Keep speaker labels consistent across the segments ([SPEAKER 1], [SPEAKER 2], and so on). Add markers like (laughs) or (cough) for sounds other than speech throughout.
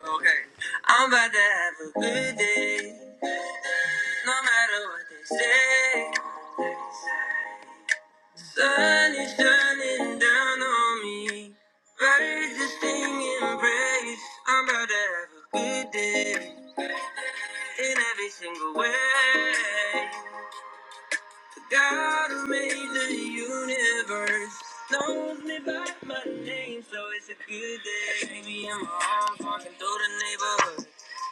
[SPEAKER 1] Okay. I'm about to have a good day, no matter what they say. Sun is shining down on me. Birds just sing and praise. I'm about to have a good day in every single way. The God who made the universe knows me by my name, so it's a good day. Maybe I'm home, walking through the neighborhood,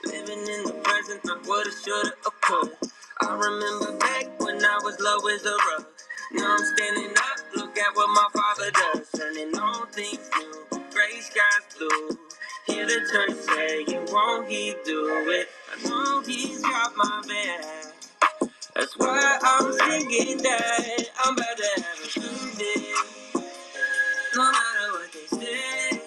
[SPEAKER 1] living in the present of what I shoulda occurred. I remember back when I was low as a rug. Now I'm standing up, look at what my father does, turning all things new. Gray skies blue. Hear the church say, won't he do it? I know he's got my back. That's why I'm thinking that I'm about to have a good day. No matter what they say,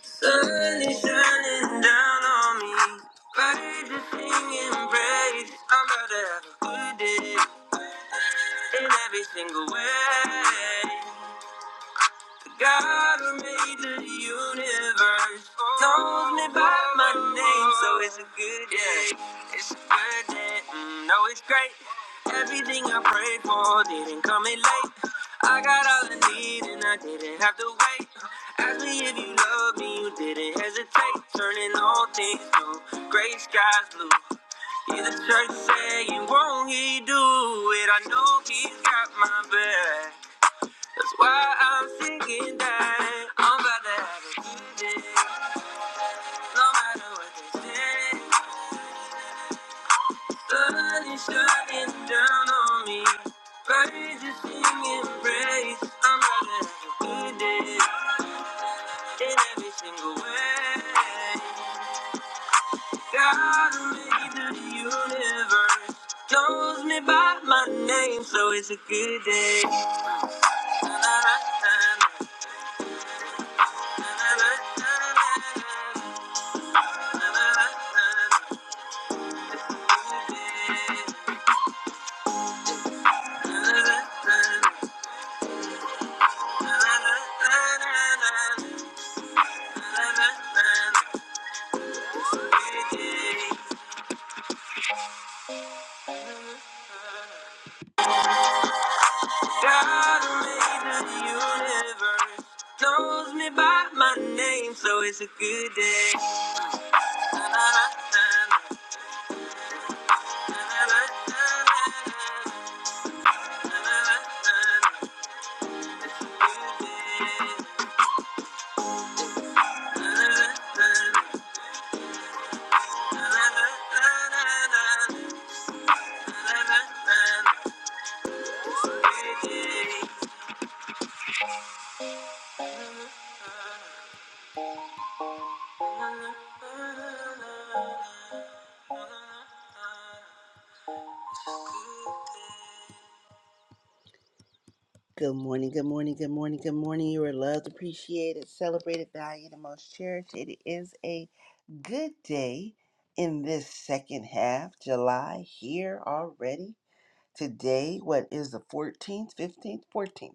[SPEAKER 1] sun is shining down on me. Praise is singing praise. I'm about to have a good day in every single way. God who made the universe calls me by my name, so it's a good day. It's a good day. Mm, no, it's great. Everything I prayed for didn't come in late. I got all I need and I didn't have to wait. Ask me if you love me, you didn't hesitate. Turning all things blue, gray skies blue. Hear the church saying, won't he do it? I know he's got my back. Why I'm singing that I'm about to have a good day. No matter what they say, sun is shining down on me. Birds are singing praise. I'm about to have a good day in every single way. God who made the universe knows me by my name, so it's a good day. Na-na-na-na-na, na-na-na-na-na, na-na-na-na-na. God made the universe, knows me by my name, so it's a good day. good day. Good morning, good morning, good morning, good morning. You are loved, appreciated, celebrated, valued, and most cherished. It is a good day in this second half, July here already. Today, what is the 14th, 15th, 14th?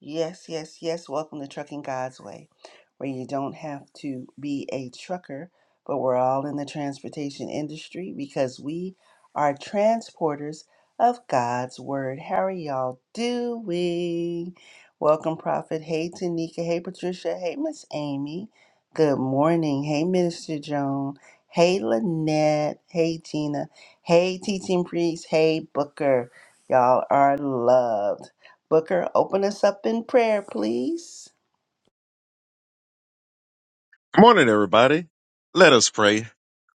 [SPEAKER 1] Yes, yes, yes. Welcome to Trucking God's Way, where you don't have to be a trucker, but we're all in the transportation industry because we are transporters of God's Word. How are y'all doing? Welcome, Prophet. Hey, Tanika. Hey, Patricia. Hey, Miss Amy. Good morning. Hey, Minister Joan. Hey, Lynette. Hey, Tina. Hey, Teaching Priest. Hey, Booker. Y'all are loved. Booker, open us up in prayer, please.
[SPEAKER 2] Morning, everybody. Let us pray.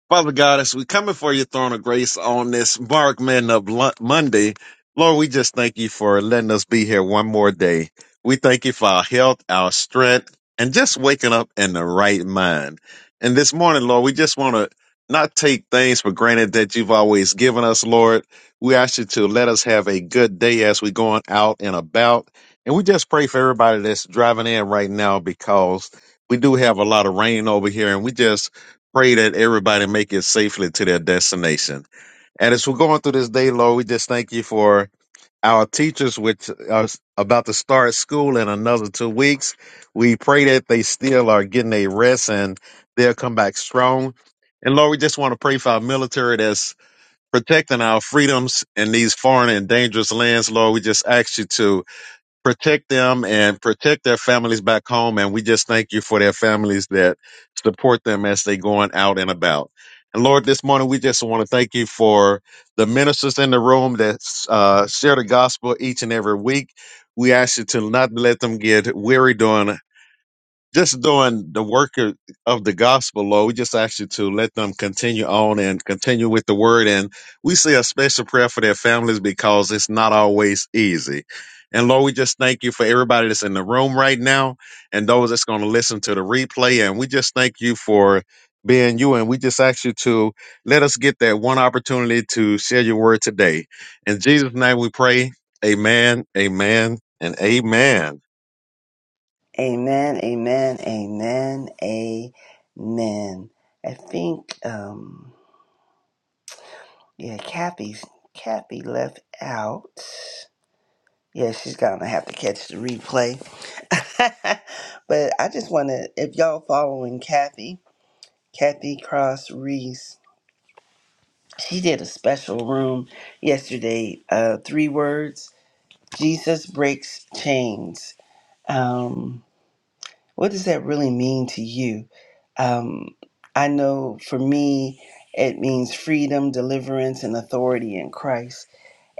[SPEAKER 2] Father God, as we come before your throne of grace on this Mark Men of Lo- Monday, Lord, we just thank you for letting us be here one more day. We thank you for our health, our strength, and just waking up in the right mind. And this morning, Lord, we just want to not take things for granted that you've always given us, Lord. We ask you to let us have a good day as we're going out and about. And we just pray for everybody that's driving in right now because we do have a lot of rain over here and we just pray that everybody make it safely to their destination. And as we're going through this day, Lord, we just thank you for our teachers, which are about to start school in another two weeks. We pray that they still are getting a rest and they'll come back strong. And Lord, we just want to pray for our military that's protecting our freedoms in these foreign and dangerous lands. Lord, we just ask you to protect them and protect their families back home. And we just thank you for their families that support them as they going out and about. And Lord, this morning we just want to thank you for the ministers in the room that uh, share the gospel each and every week. We ask you to not let them get weary doing just doing the work of, of the gospel, Lord. We just ask you to let them continue on and continue with the word. And we say a special prayer for their families because it's not always easy. And Lord, we just thank you for everybody that's in the room right now and those that's going to listen to the replay. And we just thank you for being you. And we just ask you to let us get that one opportunity to share your word today. In Jesus' name we pray. Amen, amen, and amen.
[SPEAKER 1] Amen, amen, amen, amen. I think, um, yeah, Kathy's, Kathy left out. Yeah, she's gonna have to catch the replay. (laughs) but I just wanna, if y'all following Kathy, Kathy Cross Reese, she did a special room yesterday, uh, three words, Jesus breaks chains. Um, What does that really mean to you? Um, I know for me, it means freedom, deliverance, and authority in Christ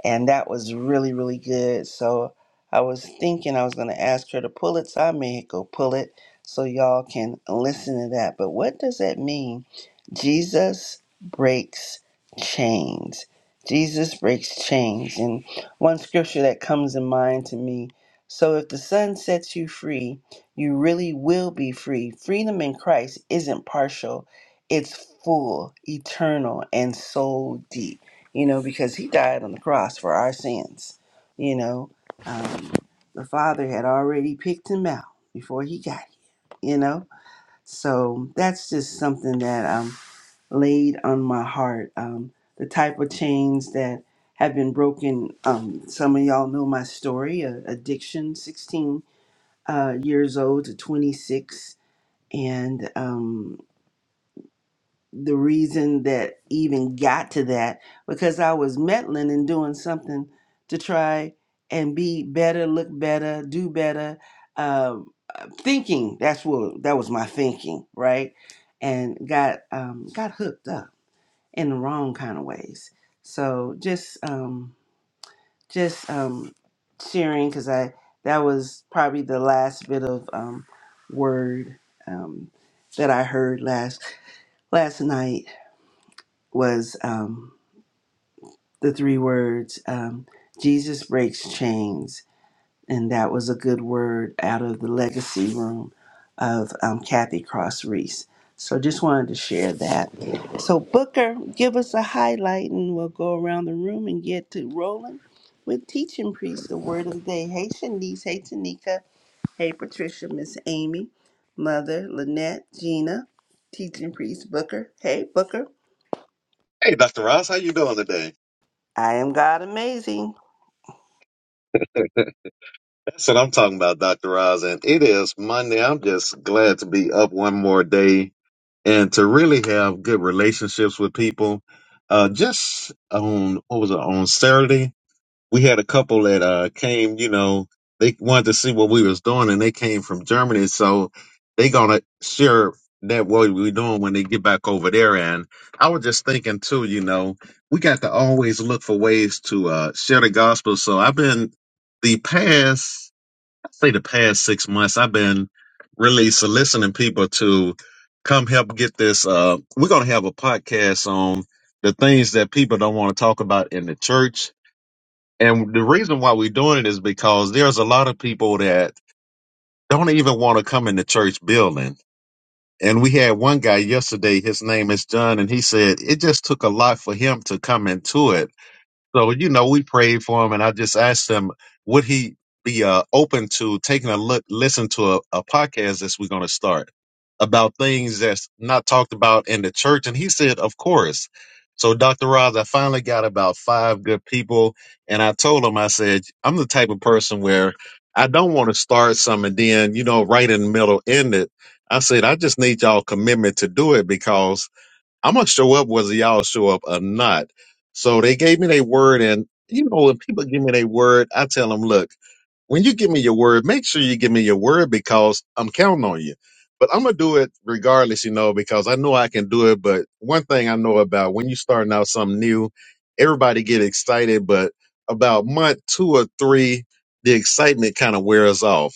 [SPEAKER 1] and that was really really good so i was thinking i was going to ask her to pull it so i may go pull it so y'all can listen to that but what does that mean jesus breaks chains jesus breaks chains and one scripture that comes in mind to me so if the sun sets you free you really will be free freedom in christ isn't partial it's full eternal and so deep you know, because he died on the cross for our sins. You know, um, the Father had already picked him out before he got here, you know. So that's just something that um, laid on my heart. Um, the type of chains that have been broken. Um, some of y'all know my story uh, addiction, 16 uh, years old to 26. And um, the reason that even got to that because I was meddling and doing something to try and be better, look better, do better. Uh, uh, thinking that's what that was my thinking, right? And got um, got hooked up in the wrong kind of ways. So just um, just um, sharing because I that was probably the last bit of um, word um, that I heard last last night was um, the three words um, Jesus breaks chains. And that was a good word out of the legacy room of um, Kathy Cross Reese. So just wanted to share that. So, Booker, give us a highlight and we'll go around the room and get to rolling with teaching priest the word of the day. Hey, Shanice. Hey, Tanika. Hey, Patricia. Miss Amy. Mother, Lynette, Gina, teaching priest, Booker. Hey, Booker.
[SPEAKER 2] Hey, Dr. Ross, how you doing today?
[SPEAKER 1] I am God amazing.
[SPEAKER 2] That's what I'm talking about, Dr. Roz. And it is Monday. I'm just glad to be up one more day and to really have good relationships with people. Uh, just on, what was it, on Saturday, we had a couple that, uh, came, you know, they wanted to see what we was doing and they came from Germany. So they gonna share that what we're doing when they get back over there. And I was just thinking too, you know, we got to always look for ways to, uh, share the gospel. So I've been the past say the past six months, I've been really soliciting people to come help get this. Uh, we're going to have a podcast on the things that people don't want to talk about in the church. And the reason why we're doing it is because there's a lot of people that don't even want to come in the church building. And we had one guy yesterday, his name is John, and he said it just took a lot for him to come into it so, you know, we prayed for him and I just asked him, would he be uh, open to taking a look, listen to a, a podcast that's we're going to start about things that's not talked about in the church? And he said, of course. So, Dr. Roz, I finally got about five good people. And I told him, I said, I'm the type of person where I don't want to start some and then, you know, right in the middle, end it. I said, I just need y'all commitment to do it because I'm gonna show up whether y'all show up or not. So they gave me their word, and you know, when people give me their word, I tell them, look, when you give me your word, make sure you give me your word because I'm counting on you. But I'm gonna do it regardless, you know, because I know I can do it. But one thing I know about when you starting out something new, everybody get excited, but about month two or three, the excitement kind of wears off.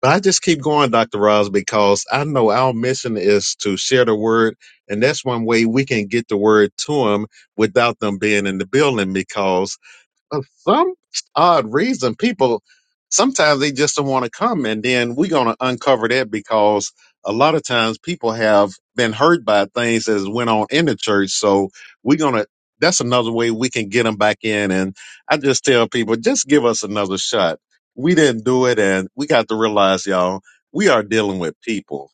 [SPEAKER 2] But I just keep going, Dr. Ross, because I know our mission is to share the word. And that's one way we can get the word to them without them being in the building because for some odd reason, people sometimes they just don't want to come, and then we're going to uncover that because a lot of times people have been hurt by things that went on in the church. So we're going to. That's another way we can get them back in. And I just tell people, just give us another shot. We didn't do it, and we got to realize, y'all, we are dealing with people.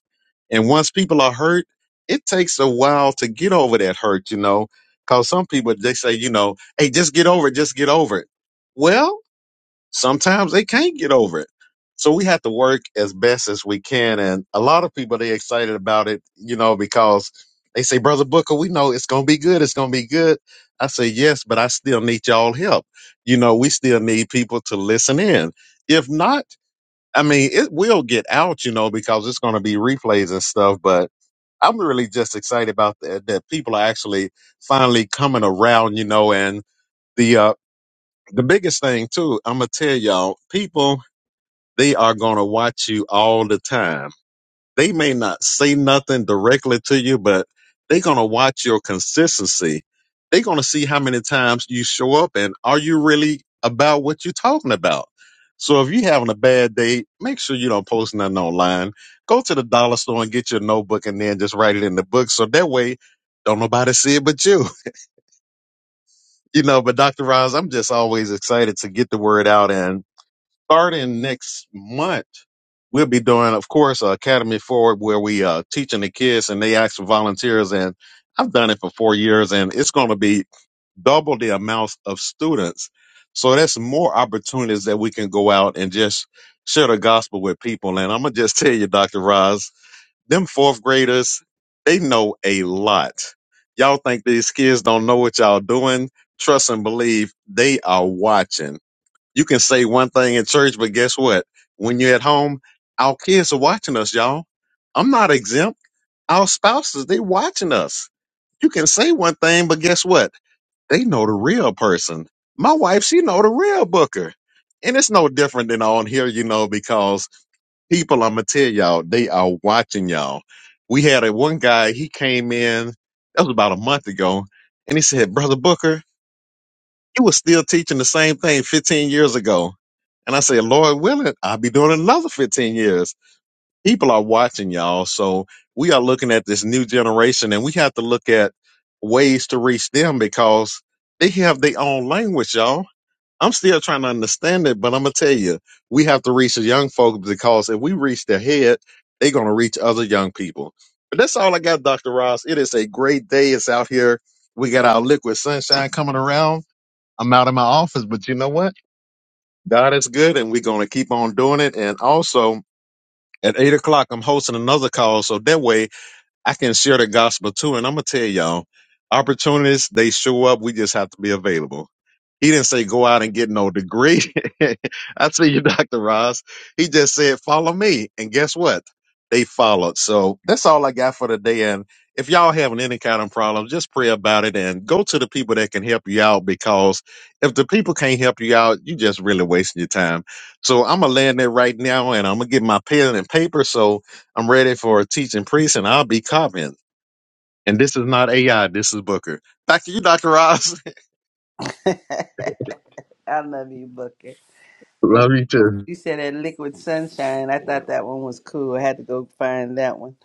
[SPEAKER 2] And once people are hurt, it takes a while to get over that hurt, you know, because some people, they say, you know, hey, just get over it, just get over it. Well, sometimes they can't get over it. So we have to work as best as we can. And a lot of people, they excited about it, you know, because they say, Brother Booker, we know it's going to be good. It's going to be good. I say, yes, but I still need y'all help. You know, we still need people to listen in. If not, I mean, it will get out, you know, because it's going to be replays and stuff, but I'm really just excited about that, that people are actually finally coming around, you know, and the, uh, the biggest thing too, I'm going to tell y'all, people, they are going to watch you all the time they may not say nothing directly to you, but they're going to watch your consistency. They're going to see how many times you show up and are you really about what you're talking about. So if you're having a bad day, make sure you don't post nothing online. Go to the dollar store and get your notebook and then just write it in the book. So that way, don't nobody see it but you. (laughs) You know, but Dr. Roz, I'm just always excited to get the word out and starting next month, we'll be doing, of course, uh, Academy Forward, where we uh, teaching the kids and they ask for volunteers. And I've done it for four years, and it's going to be double the amount of students. So that's more opportunities that we can go out and just share the gospel with people. And I'm gonna just tell you, Dr. Roz, them fourth graders, they know a lot. Y'all think these kids don't know what y'all doing? Trust and believe they are watching. You can say one thing in church, but guess what? When you're at home, our kids are watching us, y'all. I'm not exempt. Our spouses, they watching us. You can say one thing, but guess what? They know the real person. My wife, she know the real booker. And it's no different than on here, you know, because people, I'm gonna tell y'all, they are watching y'all. We had a one guy, he came in, that was about a month ago, and he said, Brother Booker, you were still teaching the same thing 15 years ago. And I said, Lord willing, I'll be doing another 15 years. People are watching y'all. So we are looking at this new generation and we have to look at ways to reach them because they have their own language, y'all. I'm still trying to understand it, but I'm going to tell you, we have to reach the young folk because if we reach their head, they're going to reach other young people. But that's all I got, Dr. Ross. It is a great day. It's out here. We got our liquid sunshine coming around I'm out of my office, but you know what? God is good, and we're going to keep on doing it. And also, at eight o'clock, I'm hosting another call, so that way I can share the gospel too. And I'm gonna tell y'all, opportunities they show up. We just have to be available. He didn't say go out and get no degree. (laughs) I tell you, (laughs) Dr. Ross. He just said follow me, and guess what? They followed. So that's all I got for today. And if y'all having any kind of problem, just pray about it and go to the people that can help you out. Because if the people can't help you out, you just really wasting your time. So I'm gonna land there right now, and I'm gonna get my pen and paper. So I'm ready for a teaching priest, and I'll be copying. And this is not AI. This is Booker. Back to you, Doctor Ross.
[SPEAKER 1] (laughs) I love you, Booker.
[SPEAKER 2] (laughs)
[SPEAKER 1] Thank you.
[SPEAKER 2] Love you
[SPEAKER 1] so
[SPEAKER 2] too.
[SPEAKER 1] much. You said that liquid sunshine. I thought that one was cool. I had to go find that one.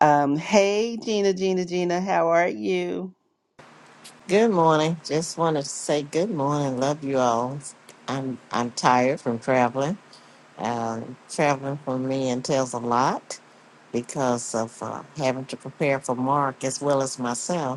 [SPEAKER 1] Um, hey, Gina, Gina, Gina, how are you?
[SPEAKER 3] Good morning. Just wanted to say good morning. Love you all. I'm I'm tired from traveling. Um, traveling for me entails a lot because of uh, having to prepare for Mark as well as myself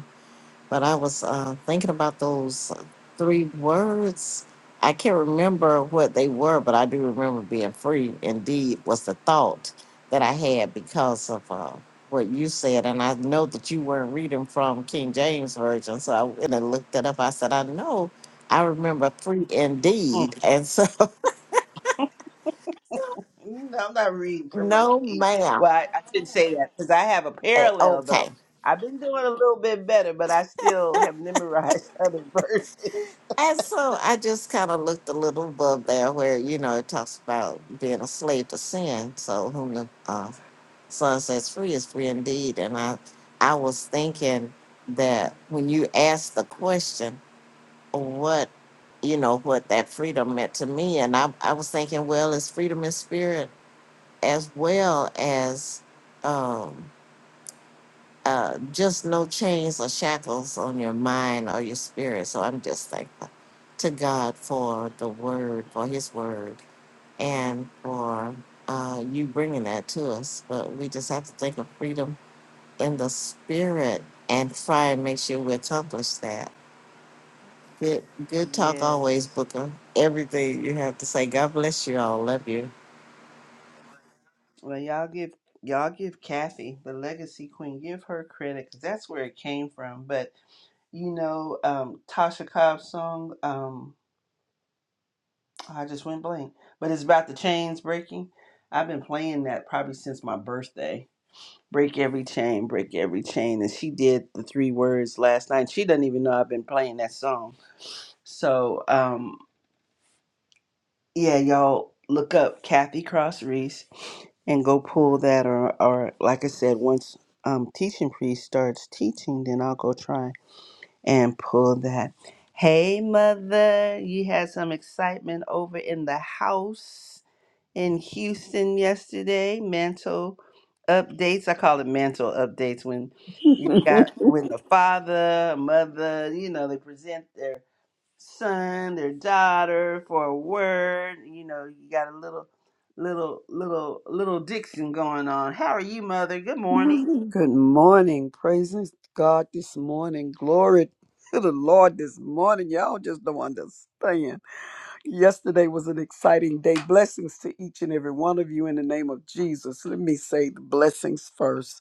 [SPEAKER 3] but I was uh, thinking about those uh, three words. I can't remember what they were, but I do remember being free. Indeed, was the thought that I had because of uh, what you said, and I know that you weren't reading from King James version, so I went and looked it up. I said, I know, I remember free
[SPEAKER 1] Mm.
[SPEAKER 3] indeed, and so
[SPEAKER 1] You know, I'm not reading
[SPEAKER 3] (laughs)
[SPEAKER 1] from no
[SPEAKER 3] no, ma'am.
[SPEAKER 1] Well, I, I shouldn't say that because I have a
[SPEAKER 3] Eh,
[SPEAKER 1] parallel
[SPEAKER 3] Okay,
[SPEAKER 1] though. I've been doing a little bit better, but I still have memorized (laughs) other verses.
[SPEAKER 3] And so I just kind of looked a little above there where, you know, it talks about being a slave to sin. So whom the uh, son says free is free indeed. And I, I was thinking that when you asked the question, what, you know, what that freedom meant to me. And I, I was thinking, well, it's freedom in spirit as well as, um, uh, just no chains or shackles on your mind or your spirit. So I'm just thankful to God for the word, for his word, and for uh, you bringing that to us. But we just have to think of freedom in the spirit and try and make sure we accomplish that. Good, good talk always,
[SPEAKER 1] Yes.
[SPEAKER 3] Booker. Everything you have to say. God bless you all. Love you.
[SPEAKER 1] Well, y'all give y'all give Kathy the legacy queen. Give her credit because that's where it came from. But you know, um, Tasha Cobb's song. Um, I just went blank. But it's about the chains breaking. I've been playing that probably since my birthday. Break every chain, break every chain. And she did the three words last night. She doesn't even know I've been playing that song. So, um, yeah, y'all look up Kathy Cross Reese and go pull that or or like I said, once um teaching priest starts teaching, then I'll go try and pull that. Hey mother, you had some excitement over in the house in Houston yesterday. Mantle updates. I call it mantle updates when you got
[SPEAKER 4] (laughs)
[SPEAKER 1] when the father, mother, you know, they present their son, their daughter for a word. You know, you got a little, little, little, little diction going on. How are you, mother? Good morning.
[SPEAKER 4] Good morning. Praising God this morning. Glory to the Lord this morning. Y'all just don't understand. Yesterday was an exciting day. Blessings to each and every one of you in the name of Jesus. Let me say the blessings first.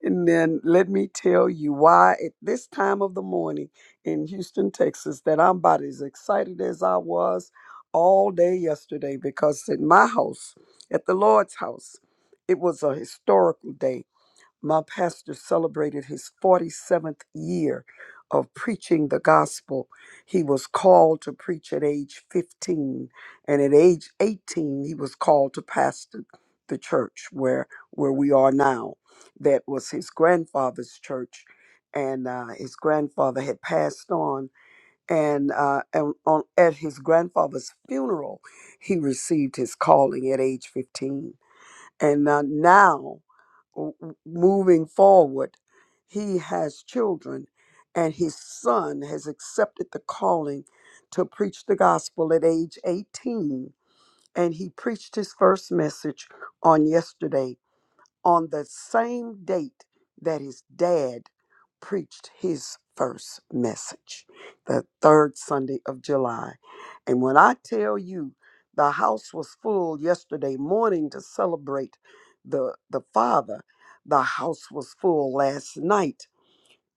[SPEAKER 4] And then let me tell you why at this time of the morning in Houston, Texas, that I'm about as excited as I was all day yesterday because at my house, at the Lord's house, it was a historical day my pastor celebrated his 47th year of preaching the gospel. He was called to preach at age 15, and at age 18, he was called to pastor the church where where we are now. That was his grandfather's church, and uh, his grandfather had passed on. And, uh, and on, at his grandfather's funeral, he received his calling at age 15. And uh, now w- w- moving forward, he has children, and his son has accepted the calling to preach the gospel at age 18. And he preached his first message on yesterday on the same date that his dad preached his first message, the third Sunday of July. And when I tell you the house was full yesterday morning to celebrate the, the father, the house was full last night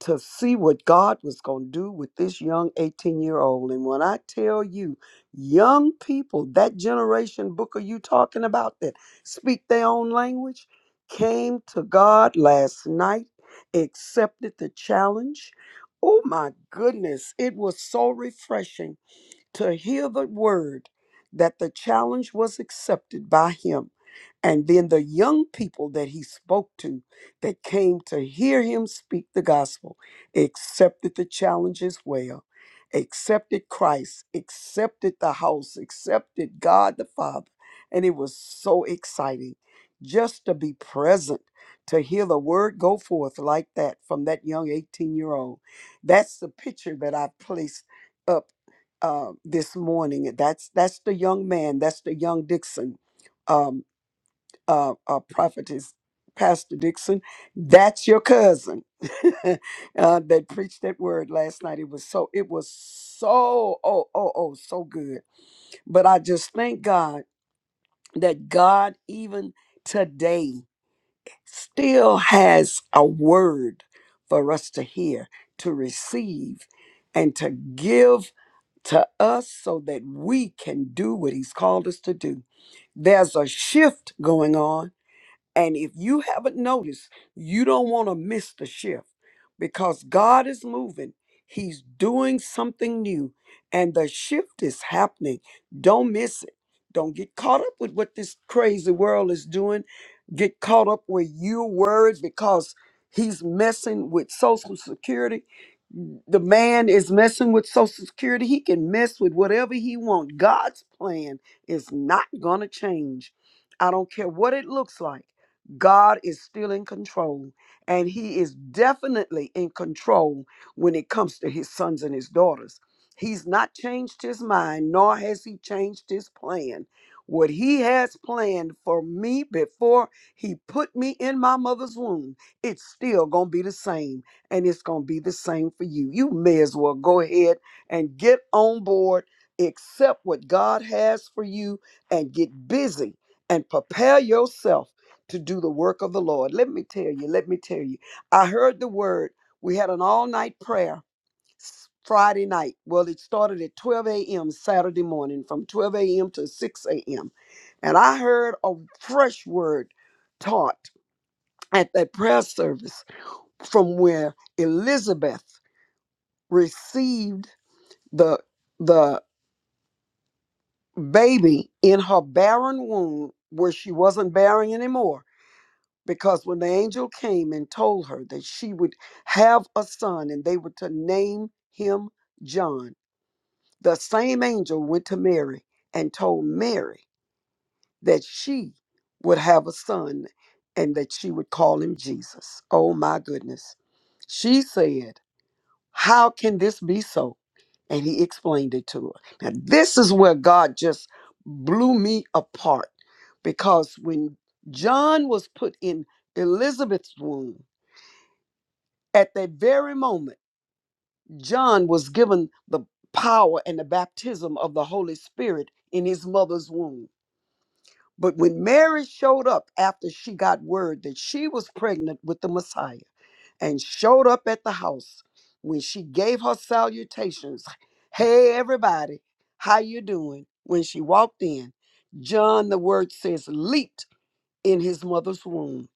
[SPEAKER 4] to see what God was going to do with this young 18 year old. And when I tell you, young people, that generation Booker, you talking about that speak their own language, came to God last night, accepted the challenge. Oh my goodness, it was so refreshing to hear the word that the challenge was accepted by him. And then the young people that he spoke to that came to hear him speak the gospel accepted the challenge as well, accepted Christ, accepted the house, accepted God the Father. And it was so exciting just to be present, to hear the word go forth like that from that young 18 year old. That's the picture that I placed up uh, this morning. That's that's the young man. That's the young Dixon, um, uh, uh, prophetess, Pastor Dixon. That's your cousin (laughs) uh, that preached that word last night. It was so it was so oh oh oh so good. But I just thank God that God even today still has a word for us to hear, to receive, and to give to us so that we can do what He's called us to do. There's a shift going on and if you haven't noticed, you don't want to miss the shift because God is moving. He's doing something new, and the shift is happening. Don't miss it. Don't get caught up with what this crazy world is doing. Get caught up where you're worried because he's messing with Social Security. The man is messing with Social Security. He can mess with whatever he wants. God's plan is not going to change. I don't care what it looks like. God is still in control, and He is definitely in control when it comes to His sons and His daughters. He's not changed His mind, nor has He changed His plan. What He has planned for me before He put me in my mother's womb, it's still going to be the same, and it's going to be the same for you. You may as well go ahead and get on board, accept what God has for you, and get busy and prepare yourself to do the work of the Lord. Let me tell you, let me tell you. I heard the word. We had an all night prayer s- Friday night. Well, it started at 12 a.m. Saturday morning from 12 a.m. to 6 a.m. And I heard a fresh word taught at that prayer service from where Elizabeth received the the baby in her barren womb where she wasn't barren anymore because when the angel came and told her that she would have a son and they were to name him John, the same angel went to Mary and told Mary that she would have a son and that she would call him Jesus. Oh my goodness. She said, How can this be so? And he explained it to her. Now, this is where God just blew me apart because when John was put in Elizabeth's womb, At that very moment, John was given the power and the baptism of the Holy Spirit in his mother's womb. But when Mary showed up after she got word that she was pregnant with the Messiah and showed up at the house, when she gave her salutations, hey everybody, how you doing? When she walked in, John, the word says, leaped in his mother's womb.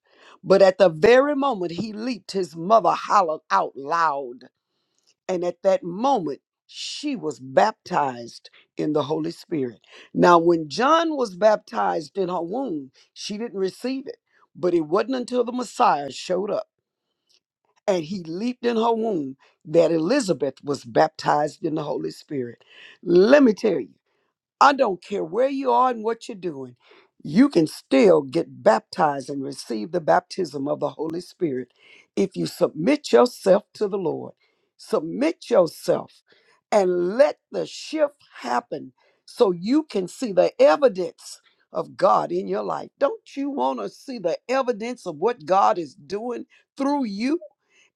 [SPEAKER 4] But at the very moment he leaped, his mother hollered out loud. And at that moment, she was baptized in the Holy Spirit. Now, when John was baptized in her womb, she didn't receive it. But it wasn't until the Messiah showed up and he leaped in her womb that Elizabeth was baptized in the Holy Spirit. Let me tell you. I don't care where you are and what you're doing, you can still get baptized and receive the baptism of the Holy Spirit if you submit yourself to the Lord. Submit yourself and let the shift happen so you can see the evidence of God in your life. Don't you want to see the evidence of what God is doing through you?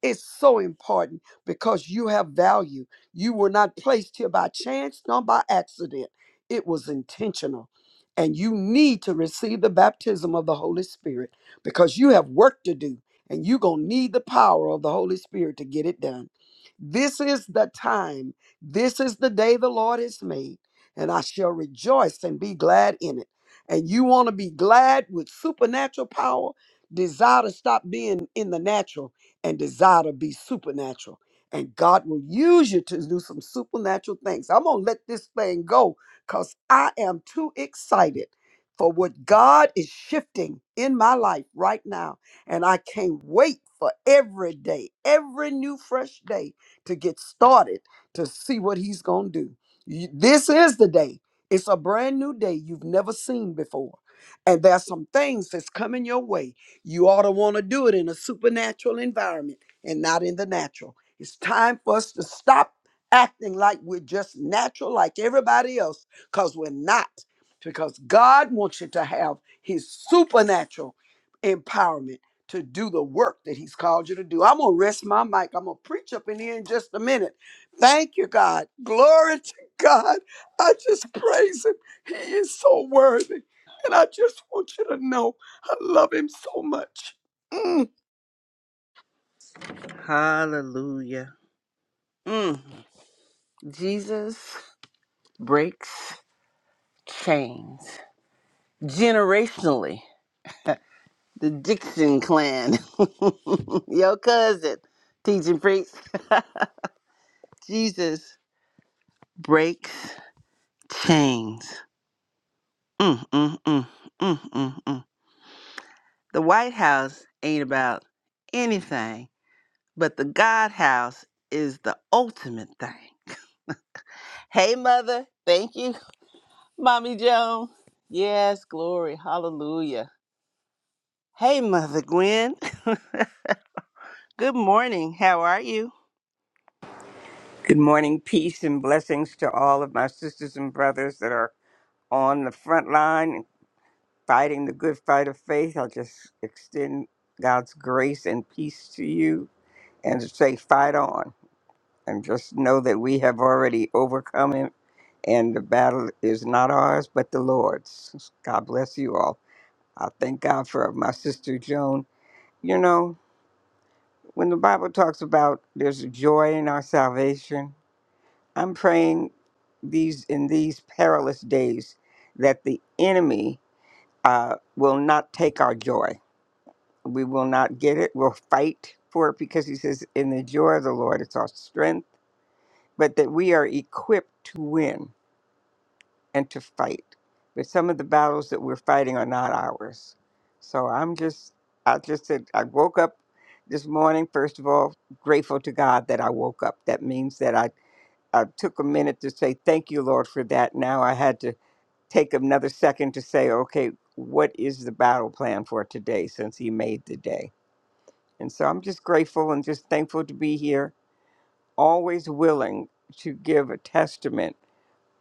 [SPEAKER 4] It's so important because you have value. You were not placed here by chance nor by accident, it was intentional. And you need to receive the baptism of the Holy Spirit because you have work to do and you're going to need the power of the Holy Spirit to get it done. This is the time. This is the day the Lord has made, and I shall rejoice and be glad in it. And you want to be glad with supernatural power, desire to stop being in the natural and desire to be supernatural. And God will use you to do some supernatural things. I'm going to let this thing go because I am too excited for what God is shifting in my life right now. And I can't wait for every day, every new fresh day to get started to see what He's going to do. You- This is the day. It's a brand new day you've never seen before. And there's some things that's coming your way you ought to want to do it in a supernatural environment and not in the natural. It's time for us to stop acting like we're just natural like everybody else because we're not. Because God wants you to have his supernatural empowerment to do the work that he's called you to do. I'm going to rest my mic. I'm going to preach up in here in just a minute. Thank you, God. Glory to God. I just praise him. He is so worthy. And I just want you to know. I love him so much. Mm.
[SPEAKER 1] Hallelujah. Mm. Jesus breaks chains generationally. The Dixon clan, (laughs) your cousin, teaching priest. (laughs) Jesus breaks chains. Mm, mm, mm, mm, mm, mm. mm. The White House ain't about anything, but the God House is the ultimate thing. Hey, Mother. Thank you, (laughs) Mommy Joan. Yes, glory. Hallelujah. Hey, Mother Gwen. (laughs) Good morning. How are you?
[SPEAKER 5] Good morning, peace and blessings to all of my sisters and brothers that are on the front line fighting the good fight of faith. I'll just extend God's grace and peace to you and say, fight on. And just know that we have already overcome him and the battle is not ours but the Lord's. God bless you all. I thank God for my sister Joan. You know, when the Bible talks about there's joy in our salvation, I'm praying these in these perilous days that the enemy uh, will not take our joy. We will not get it. We'll fight for it because he says, "In the joy of the Lord, it's our strength." But that we are equipped to win and to fight. But some of the battles that we're fighting are not ours. So I'm just, I just said, I woke up this morning. First of all, grateful to God that I woke up. That means that I I took a minute to say, Thank you, Lord, for that. Now I had to take another second to say, Okay, what is the battle plan for today since He made the day? And so I'm just grateful and just thankful to be here, always willing to give a testament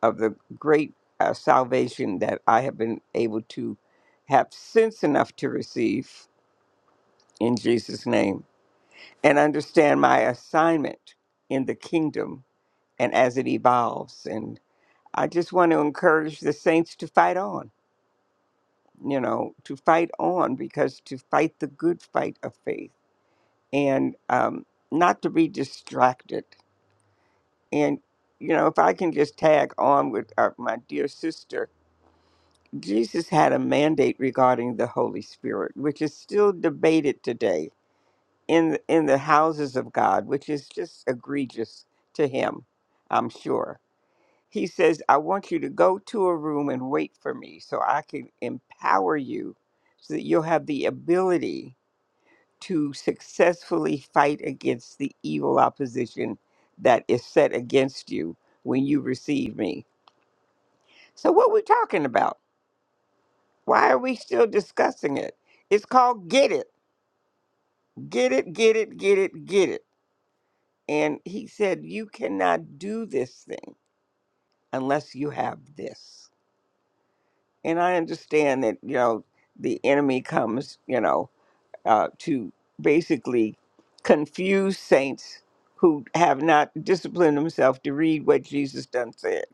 [SPEAKER 5] of the great uh, salvation that I have been able to have sense enough to receive in Jesus' name and understand my assignment in the kingdom and as it evolves. I just want to encourage the saints to fight on, you know, to fight on because to fight the good fight of faith and um, not to be distracted. And, you know, if I can just tag on with uh, my dear sister, Jesus had a mandate regarding the Holy Spirit, which is still debated today in, in the houses of God, which is just egregious to him, I'm sure He says, I want you to go to a room and wait for me so I can empower you so that you'll have the ability to successfully fight against the evil opposition that is set against you when you receive me. So, what we talking about? Why are we still discussing it? It's called Get It, Get It, Get It, Get It, Get It. And he said, You cannot do this thing unless you have this. and I understand that you know the enemy comes, you know, uh, to basically confuse saints who have not disciplined themselves to read what Jesus done said.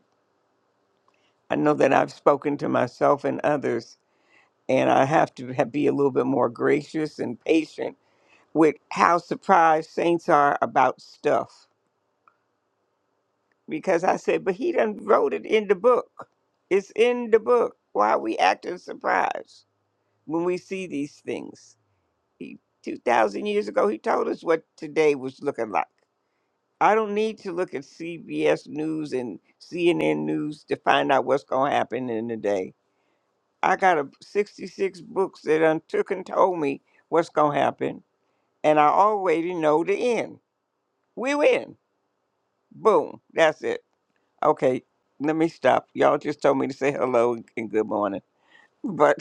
[SPEAKER 5] I know that I've spoken to myself and others, and I have to ha be a little bit more gracious and patient with how surprised saints are about stuff. Because I said, but he done wrote it in the book. It's in the book. Why are we acting surprised when we see these things? He, 2,000 years ago, he told us what today was looking like. I don't need to look at CBS News and CNN News to find out what's going to happen in the day. I got a, 66 books that done took and told me what's going to happen, and I already know the end. We win. Boom. That's it. Okay, let me stop. Y'all just told me to say hello and good morning. (laughs) But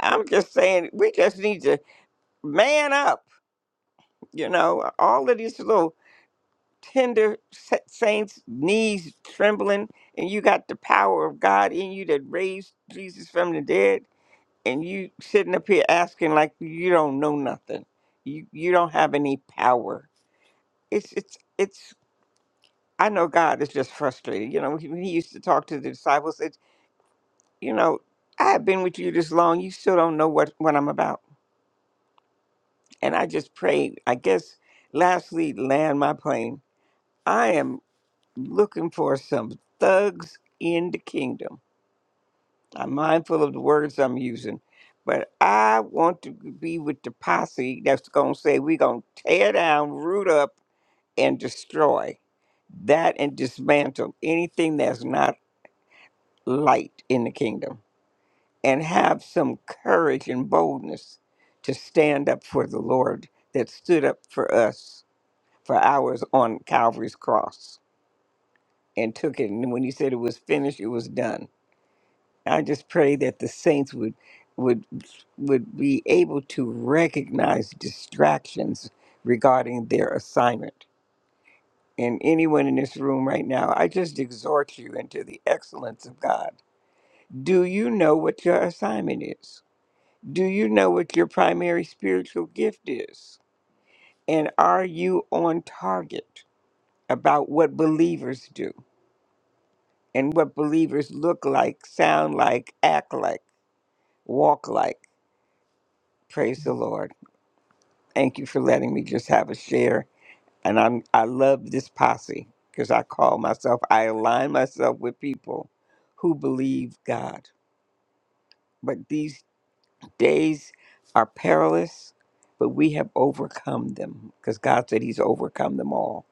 [SPEAKER 5] I'm just saying, we just need to man up. You know, all of these little tender sa- saints, knees trembling, and you got the power of God in you that raised Jesus from the dead, and you sitting up here asking like you don't know nothing. You you don't have any power. It's it's it's. I know God is just frustrated. You know, he, he used to talk to the disciples. It, you know, I have been with you this long. You still don't know what what I'm about. And I just prayed. I guess lastly, land my plane. I am. looking for some thugs in the kingdom. I'm mindful of the words I'm using, but I want to be with the posse that's going to say, we're going to tear down, root up, and destroy that and dismantle anything that's not light in the kingdom and have some courage and boldness to stand up for the Lord that stood up for us for hours on Calvary's cross and took it. And when he said it was finished, it was done I just pray that the saints would would would be able to recognize distractions regarding their assignment. And anyone in this room right now, I just exhort you into the excellence of God. Do you know what your assignment is? Do you know what your primary spiritual gift is? And are you on target about what believers do and what believers look like, sound like, act like, walk like? Praise the Lord. Thank you for letting me just have a share. And I'm I love this posse because I call myself I align myself with people who believe God. But these days are perilous, but we have overcome them because God said He's overcome them all.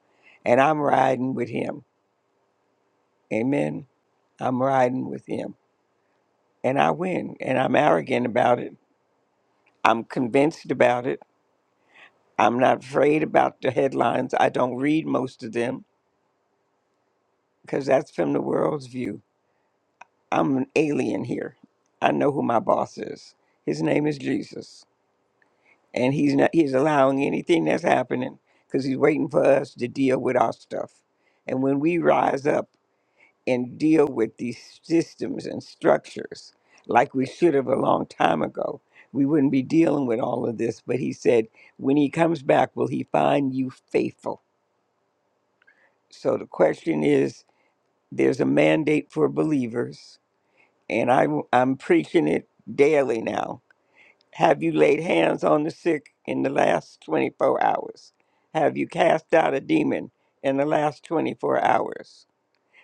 [SPEAKER 5] And I'm riding with Him. Amen. I'm riding with Him. And I win. And I'm arrogant about it. I'm convinced about it. I'm not afraid about the headlines. I don't read most of them. because that's from the world's view. I'm an alien here. I know who my boss is. His name is Jesus, and he's not. He's allowing anything that's happening because he's waiting for us to deal with our stuff. And when we rise up and deal with these systems and structures like we should have a long time ago, we wouldn't be dealing with all of this. But he said, when he comes back, will he find you faithful? So the question is, there's a mandate for believers and I, am I'm preaching it daily now. Have you laid hands on the sick in the last 24 hours? Have you cast out a demon in the last 24 hours?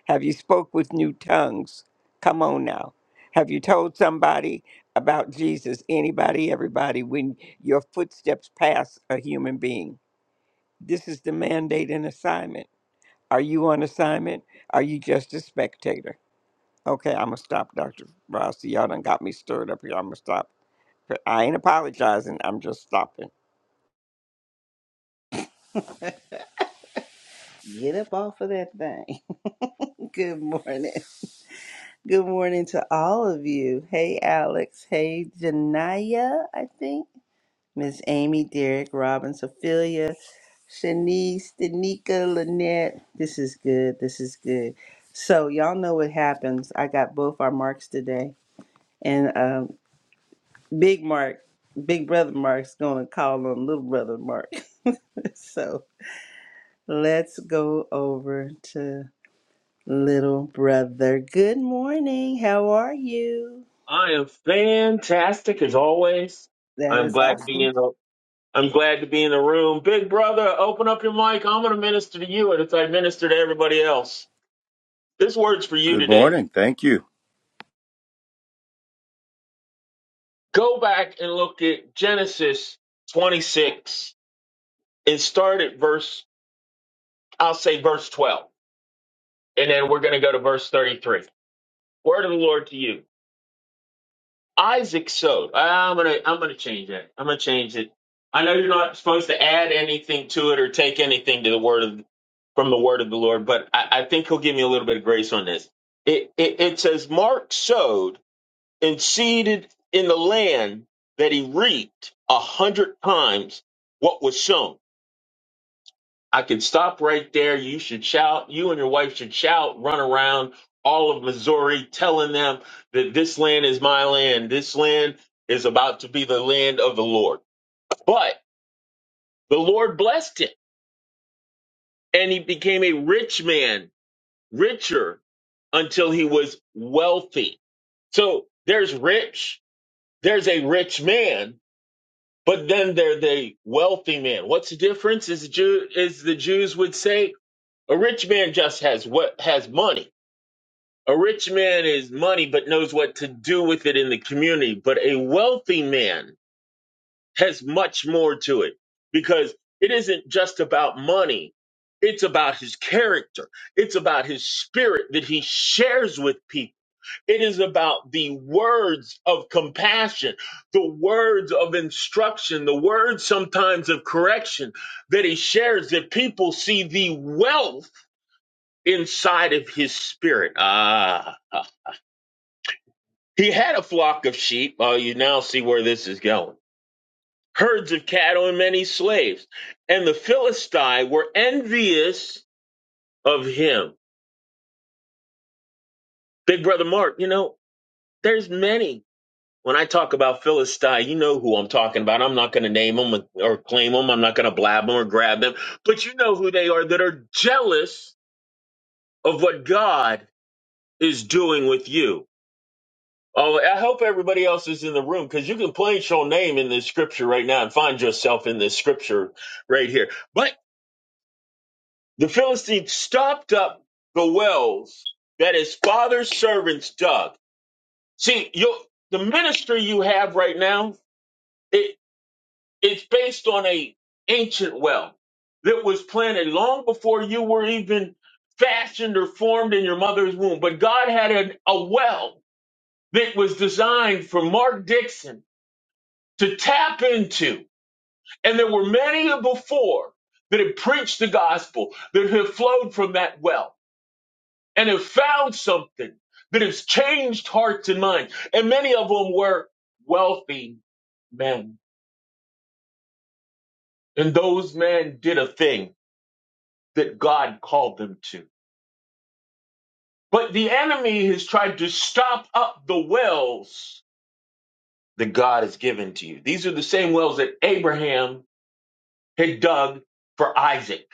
[SPEAKER 5] Have you spoke with new tongues? Come on now. Have you told somebody about Jesus, anybody, everybody, when your footsteps pass a human being? This is the mandate and assignment. Are you on assignment? Are you just a spectator? Okay, I'm gonna stop, Dr. Rossi. Y'all done got me stirred up here. I'm gonna stop. I ain't apologizing. I'm just stopping.
[SPEAKER 1] Get up off of that thing. (laughs) Good morning. Good morning to all of you. Hey, Alex. Hey, Janaya, I think. Miss Amy, Derek, Robin, Sophia, Shanice, Danica, Lynette. This is good. This is good. So, y'all know what happens. I got both our marks today. And um, Big Mark, Big Brother Mark's going to call on Little Brother Mark. (laughs) so, let's go over to Little Brother. Good morning. How are you?
[SPEAKER 6] I am fantastic as always.
[SPEAKER 1] That
[SPEAKER 6] I'm
[SPEAKER 1] is
[SPEAKER 6] glad to be
[SPEAKER 1] awesome.
[SPEAKER 6] in the I'm glad to be in the room. Big brother, open up your mic. I'm gonna minister to you and as I minister to everybody else. This word's for you
[SPEAKER 7] Good
[SPEAKER 6] today.
[SPEAKER 7] morning. Thank you.
[SPEAKER 6] Go back and look at Genesis 26 and start at verse, I'll say verse 12. And then we're gonna go to verse 33. Word of the Lord to you. Isaac Sode. I'm gonna I'm gonna change that. I'm gonna change it. I know you're not supposed to add anything to it or take anything to the word of from the word of the Lord, but I, I think he'll give me a little bit of grace on this. It, it it says Mark sowed and seeded in the land that he reaped a hundred times what was sown. I can stop right there. You should shout. You and your wife should shout, run around all of Missouri, telling them that this land is my land. This land is about to be the land of the Lord. But the Lord blessed him and he became a rich man, richer until he was wealthy. So there's rich, there's a rich man, but then there's the wealthy man. What's the difference? Is the Jew, is the Jews would say a rich man just has what has money A rich man is money but knows what to do with it in the community, but a wealthy man has much more to it because it isn't just about money. It's about his character. It's about his spirit that he shares with people. It is about the words of compassion, the words of instruction, the words sometimes of correction that he shares that people see the wealth inside of his spirit. Ah. ah. He had a flock of sheep. Oh, you now see where this is going. Herds of cattle and many slaves. And the Philistines were envious of him. Big brother Mark, you know, there's many. When I talk about Philistine, you know who I'm talking about. I'm not going to name them or claim them. I'm not going to blab them or grab them. But you know who they are that are jealous of what God is doing with you Oh, I hope everybody else is in the room because you can place your name in this scripture right now and find yourself in this scripture right here. But the Philistines stopped up the wells that his father's servants dug. See, your the ministry you have right now, it it's based on a ancient well that was planted long before you were even fashioned or formed in your mother's womb. But God had an, a well that was designed for Mark Dixon to tap into. And there were many before that had preached the gospel, that have flowed from that well and have found something that has changed hearts and minds. And many of them were wealthy men. And those men did a thing that God called them to. But the enemy has tried to stop up the wells that God has given to you. These are the same wells that Abraham had dug for Isaac.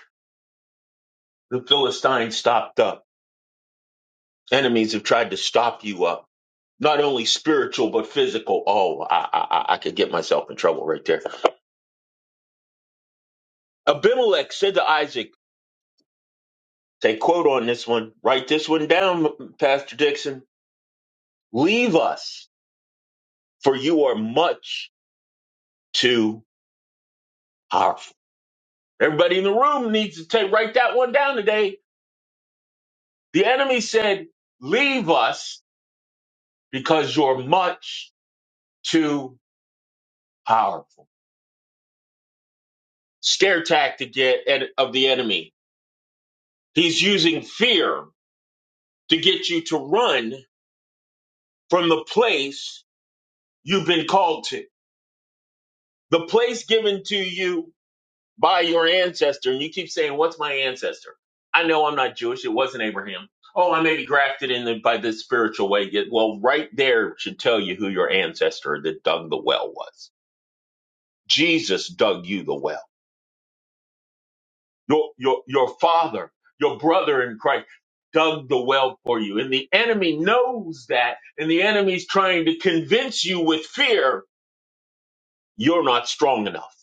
[SPEAKER 6] The Philistines stopped up. Enemies have tried to stop you up, not only spiritual, but physical. Oh, I, I, I could get myself in trouble right there. Abimelech said to Isaac, take quote on this one, write this one down, Pastor Dixon. Leave us, for you are much too powerful. Everybody in the room needs to take write that one down today. The enemy said, leave us because you're much too powerful. Scare tactic yet- ed- of the enemy. He's using fear to get you to run from the place you've been called to, the place given to you by your ancestor. And you keep saying, What's my ancestor? I know I'm not Jewish. It wasn't Abraham. Oh, I may be grafted in the, by this spiritual way. Yeah, Well, right there should tell you who your ancestor that dug the well was. Jesus dug you the well. Your, your, your father, your brother in Christ dug the well for you. And the enemy knows that. And the enemy's trying to convince you with fear you're not strong enough.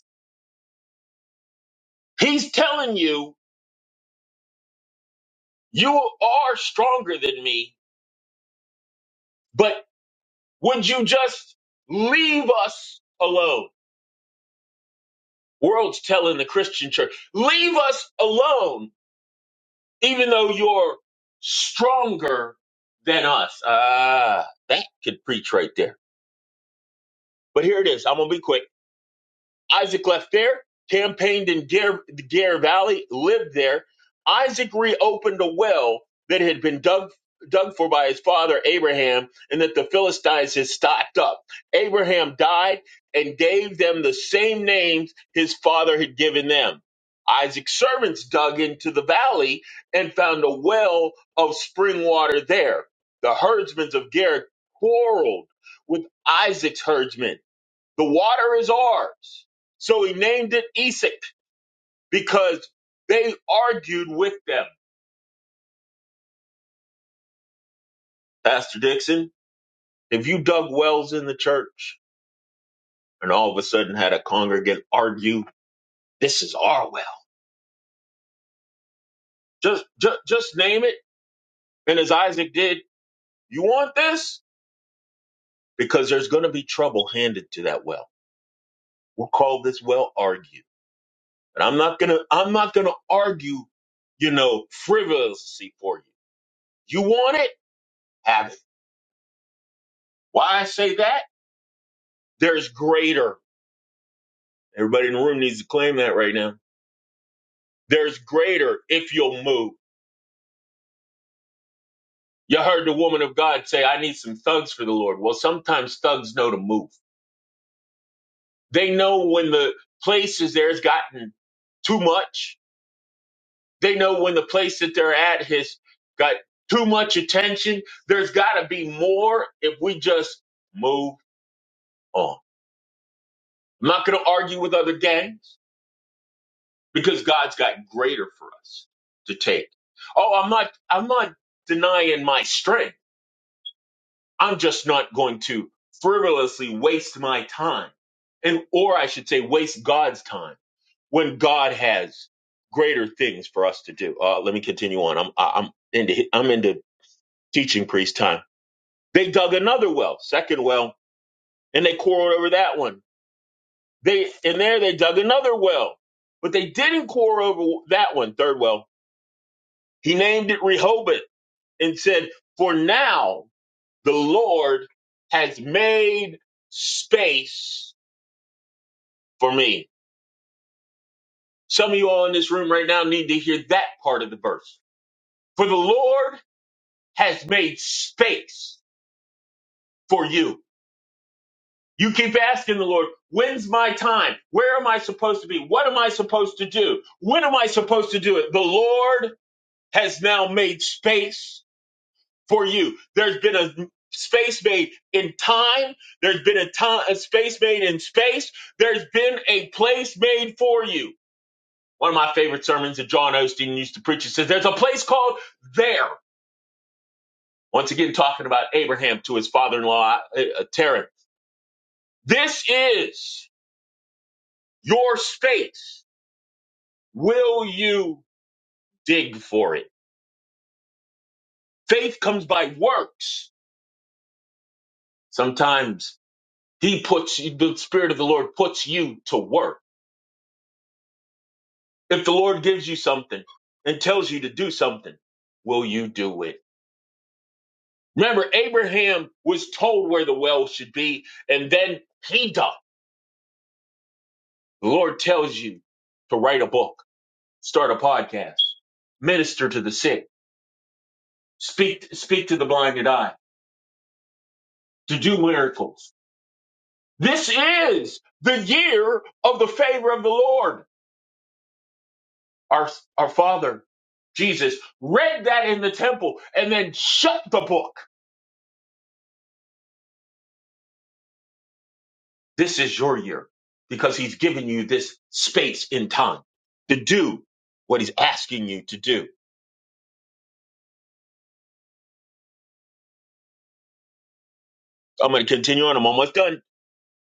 [SPEAKER 6] He's telling you, you are stronger than me, but would you just leave us alone? World's telling the Christian church, leave us alone, even though you're stronger than us. Ah, that could preach right there. But here it is. I'm going to be quick. Isaac left there, campaigned in Gare, the Gare Valley, lived there. Isaac reopened a well that had been dug dug for by his father Abraham, and that the Philistines had stocked up. Abraham died and gave them the same names his father had given them. Isaac's servants dug into the valley and found a well of spring water there. The herdsmen of Gare quarreled with Isaac's herdsmen the water is ours. So he named it Esek because they argued with them. Pastor Dixon, if you dug wells in the church and all of a sudden had a congregant argue, this is our well. Just, just, just name it. And as Isaac did, you want this? Because there's going to be trouble handed to that well. We'll call this well argue. And I'm not going to, I'm not going to argue, you know, frivolously for you. You want it? Have it. Why I say that? There's greater. Everybody in the room needs to claim that right now. There's greater if you'll move. You heard the woman of God say, I need some thugs for the Lord. Well, sometimes thugs know to move. They know when the place is there has gotten too much. They know when the place that they're at has got too much attention. There's got to be more if we just move on. I'm not going to argue with other gangs. because God's got greater for us to take. Oh, I'm not I'm not denying my strength. I'm just not going to frivolously waste my time. And or I should say waste God's time when God has greater things for us to do. Uh, let me continue on. I'm I'm into I'm into teaching priest time. They dug another well, second well, and they quarreled over that one. They and there they dug another well, but they didn't quarrel over that one, third well. He named it Rehoboth and said, For now, the Lord has made space for me. Some of you all in this room right now need to hear that part of the verse. For the Lord has made space for you. You keep asking the Lord, when's my time? Where am I supposed to be? What am I supposed to do? When am I supposed to do it? The Lord has now made space for you. There's been a space made in time. There's been a time, a space made in space. There's been a place made for you. One of my favorite sermons that John Osteen used to preach, he says, there's a place called there. Once again, talking about Abraham to his father-in-law, uh, uh, Terah. This is your space. Will you dig for it? Faith comes by works. Sometimes he puts, the Spirit of the Lord puts you to work If the Lord gives you something and tells you to do something, will you do it? Remember, Abraham was told where the well should be, and then he dug. The Lord tells you to write a book, start a podcast, minister to the sick, speak, speak to the blinded eye, to do miracles. This is the year of the favor of the Lord. Our, our Father, Jesus, read that in the temple and then shut the book This is your year because he's given you this space in time to do what he's asking you to do. I'm going to continue on. I'm almost done.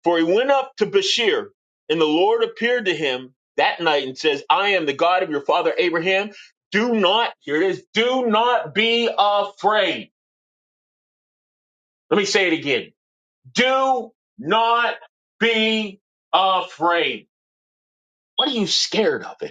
[SPEAKER 6] For he went up to Bashir, and the Lord appeared to him that night and says, I am the God of your father Abraham. Do not, here it is, do not be afraid. Let me say it again. Do not be afraid. What are you scared of?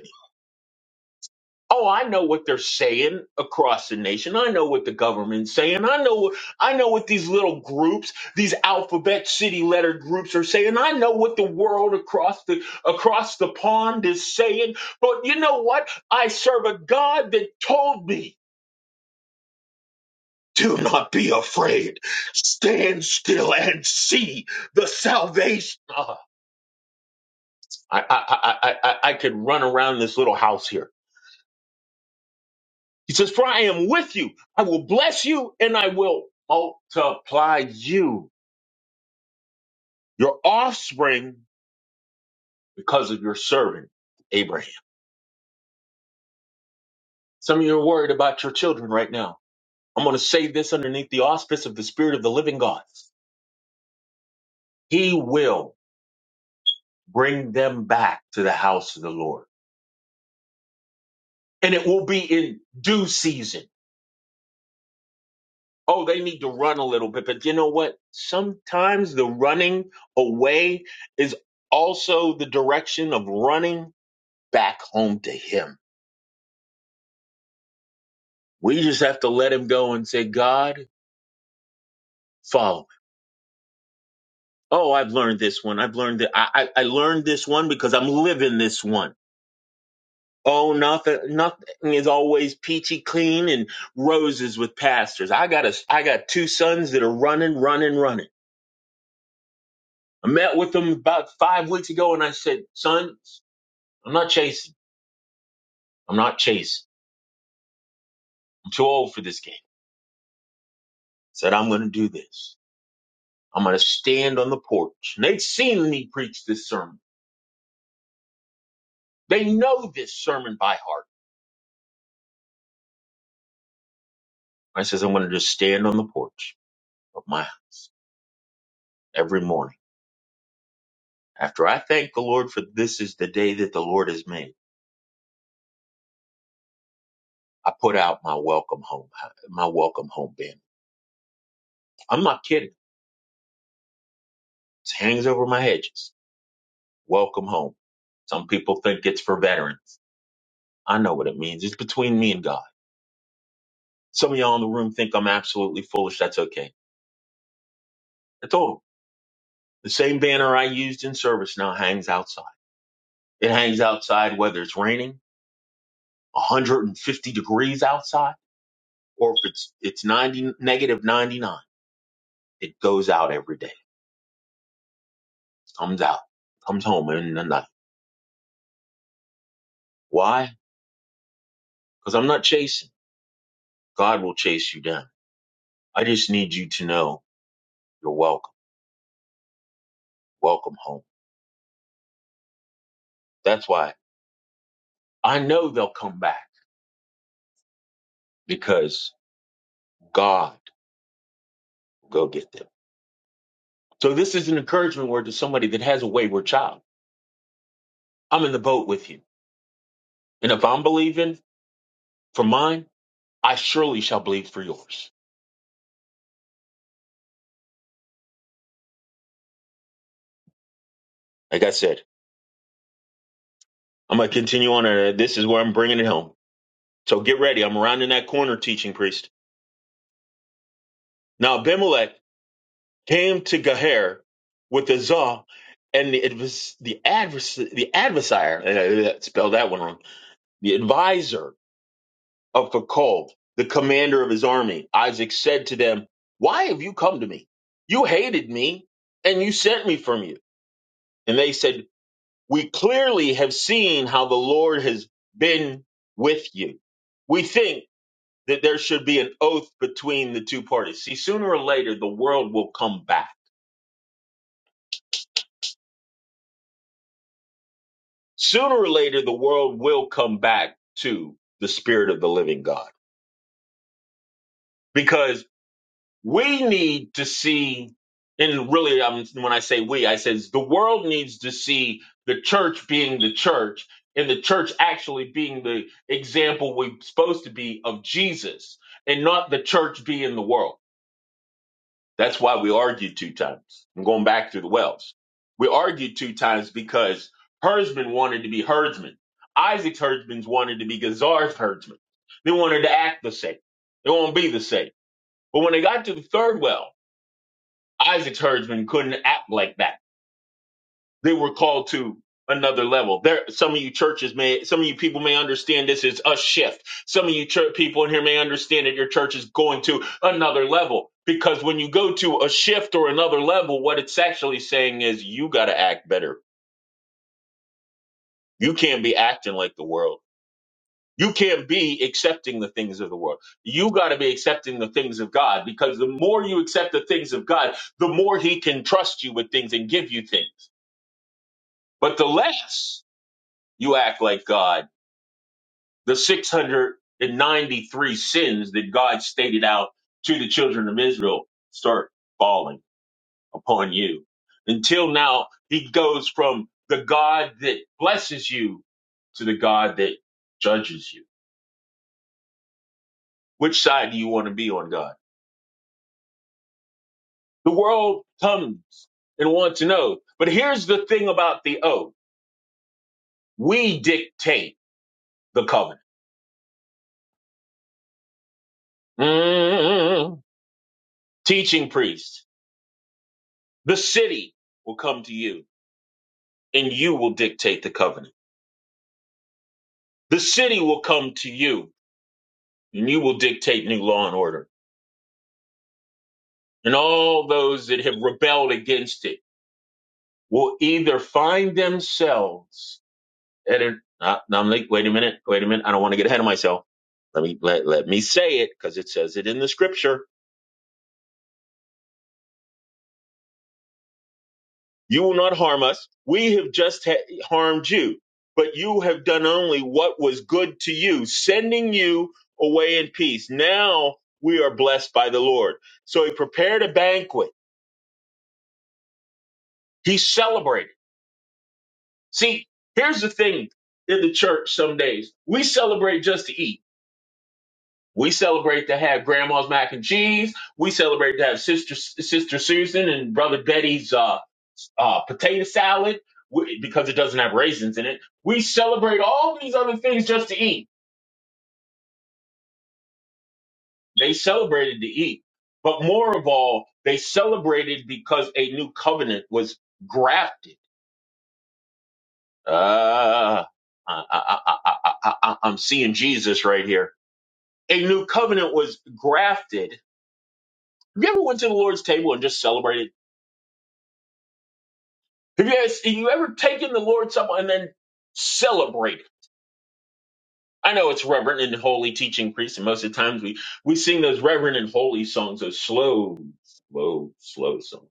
[SPEAKER 6] Oh, I know what they're saying across the nation. I know what the government's saying. I know I know what these little groups, these alphabet city letter groups are saying. I know what the world across the across the pond is saying. But you know what? I serve a God that told me do not be afraid. Stand still and see the salvation. Ah, I, I, I, I, I I could run around this little house here He says, For I am with you. I will bless you and I will multiply you, your offspring, because of your servant, Abraham. Some of you are worried about your children right now. I'm going to say this underneath the auspice of the Spirit of the living God. He will bring them back to the house of the Lord, and it will be in due season. Oh, they need to run a little bit, but you know what? Sometimes the running away is also the direction of running back home to Him. We just have to let Him go and say, God, follow. me. Oh, I've learned this one. I've learned that I, I, I learned this one because I'm living this one. Oh, nothing, nothing is always peachy clean and roses with pastors. I got a, I got two sons that are running, running, running. I met with them about five weeks ago and I said, son, I'm not chasing. I'm not chasing. I'm too old for this game. I said, I'm going to do this. I'm going to stand on the porch. And they'd seen me preach this sermon. They know this sermon by heart. I says, I'm going to just stand on the porch of my house every morning. After I thank the Lord for this is the day that the Lord has made, I put out my welcome home, my welcome home banner. I'm not kidding. It hangs over my hedges. Welcome home. Some people think it's for veterans. I know what it means. It's between me and God. Some of y'all in the room think I'm absolutely foolish. That's okay. I told them the same banner I used in service now hangs outside. It hangs outside whether it's raining 150 degrees outside or if it's it's 90 negative 99 it goes out every day comes out comes home in the night why because i'm not chasing god will chase you down i just need you to know you're welcome welcome home that's why i know they'll come back because god will go get them so this is an encouragement word to somebody that has a wayward child i'm in the boat with you and if i'm believing for mine i surely shall believe for yours like i said I'm going to continue on. And uh, this is where I'm bringing it home. So get ready. I'm rounding that corner, teaching priest. Now Abimelech came to Gaher with the Zah, and it was the advers the adversary. eh, eh, Spell that one wrong. The advisor of Fakol, the commander of his army. Isaac said to them, "Why have you come to me? You hated me, and you sent me from you." And they said, "We clearly have seen how the Lord has been with you." We think. that there should be an oath between the two parties. See, sooner or later, the world will come back. Sooner or later, the world will come back to the spirit of the living God because we need to see, and really, um, when I say we, I says the world needs to see the church being the church and the church actually being the example we're supposed to be of Jesus and not the church being the world That's why we argued two times. I'm going back to the wells. We argued two times because herdsmen wanted to be herdsmen. Isaac's herdsmen wanted to be Gazar's herdsmen. They wanted to act the same. They won't be the same. But when they got to the third well, Isaac's herdsmen couldn't act like that. They were called to another level. There, some of you churches may, some of you people may understand this is a shift. Some of you church people in here may understand that your church is going to another level because when you go to a shift or another level, what it's actually saying is you got to act better. You can't be acting like the world. You can't be accepting the things of the world. You got to be accepting the things of God because the more you accept the things of God, the more He can trust you with things and give you things. But the less you act like God, the 693 sins that God stated out to the children of Israel start falling upon you. Until now, he goes from the God that blesses you to the God that judges you. Which side do you want to be on, God? The world comes and wants to know. But here's the thing about the oath we dictate the covenant. Mm. Teaching priests, the city will come to you and you will dictate the covenant. The city will come to you and you will dictate new law and order. And all those that have rebelled against it will either find themselves at an, uh, now I'm like, wait a minute, wait a minute. I don't want to get ahead of myself. Let me, let, let me say it because it says it in the scripture You will not harm us. We have just ha- harmed you, but you have done only what was good to you, sending you away in peace. Now we are blessed by the Lord. So he prepared a banquet. He celebrated. See, here's the thing in the church some days we celebrate just to eat. We celebrate to have grandma's mac and cheese. We celebrate to have sister sister Susan and brother Betty's uh, uh, potato salad we- because it doesn't have raisins in it. We celebrate all these other things just to eat. They celebrated to eat, but more of all, they celebrated because a new covenant was grafted. Uh, I, I, I, I, I, I- I'm seeing Jesus right here. A new covenant was grafted. Have you ever went to the Lord's table and just celebrated? Have you, ever, you ever taken the Lord's Supper and then celebrate? I know it's reverent and holy teaching priest, and most of the times we, we sing those reverent and holy songs, those slow, slow, slow songs.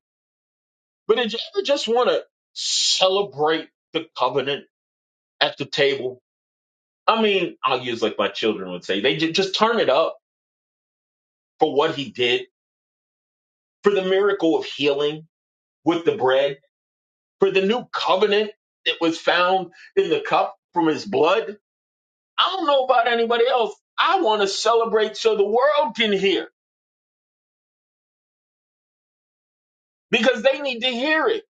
[SPEAKER 6] But did you ever just want to celebrate the covenant at the table? I mean, I'll use like my children would say, they ju- just turn it up for what he did, for the miracle of healing with the bread, for the new covenant that was found in the cup from his blood I don't know about anybody else. I want to celebrate so the world can hear because they need to hear it.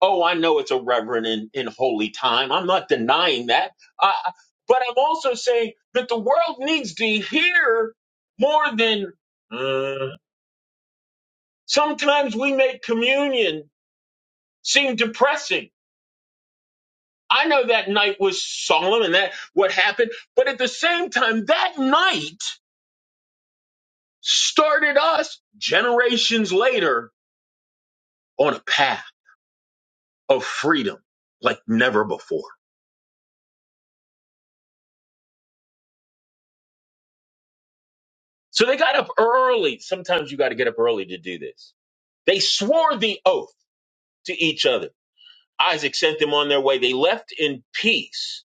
[SPEAKER 6] Oh, I know it's a reverend and, and holy time. I'm not denying that. Uh, but I'm also saying that the world needs to hear more than uh, sometimes we make communion seem depressing. I know that night was solemn and that what happened, but at the same time, that night started us generations later on a path of freedom like never before. So they got up early. Sometimes you got to get up early to do this. They swore the oath to each other. Isaac sent them on their way. They left in peace.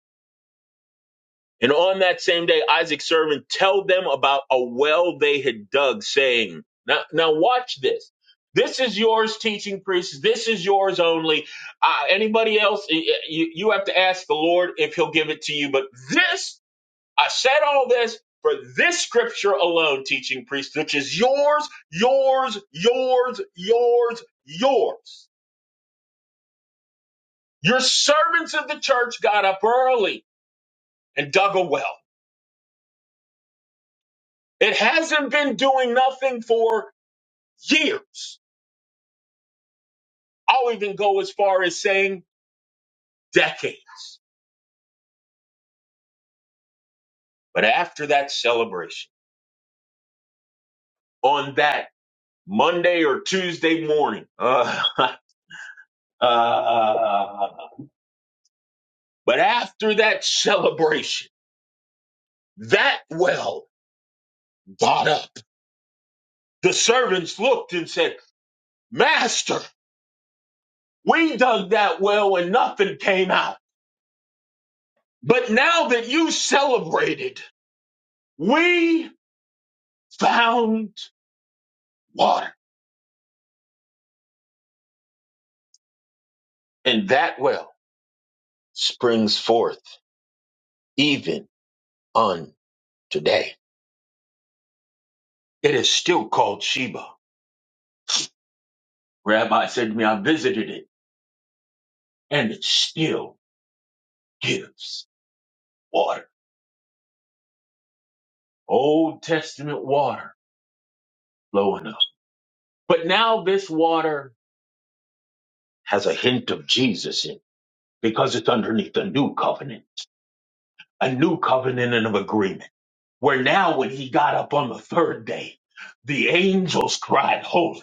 [SPEAKER 6] And on that same day, Isaac's servant told them about a well they had dug, saying, Now, now watch this. This is yours, teaching priests. This is yours only. Uh, anybody else, y- y- you, you have to ask the Lord if he'll give it to you. But this I said all this for this scripture alone, teaching priest, which is yours, yours, yours, yours, yours. Your servants of the church got up early and dug a well. It hasn't been doing nothing for years. I'll even go as far as saying decades. But after that celebration, on that Monday or Tuesday morning, uh, (laughs) uh, uh, uh, uh, but after that celebration, That well got up. The servants looked and said, Master, we dug that well and nothing came out. But now that you celebrated, we found water. And that well springs forth even on today. It is still called Sheba. Rabbi said to me, I visited it and it still gives water. Old Testament water flowing up. But now this water has a hint of Jesus in it because it's underneath a new covenant, a new covenant and of agreement. Where now, when he got up on the third day, the angels cried holy,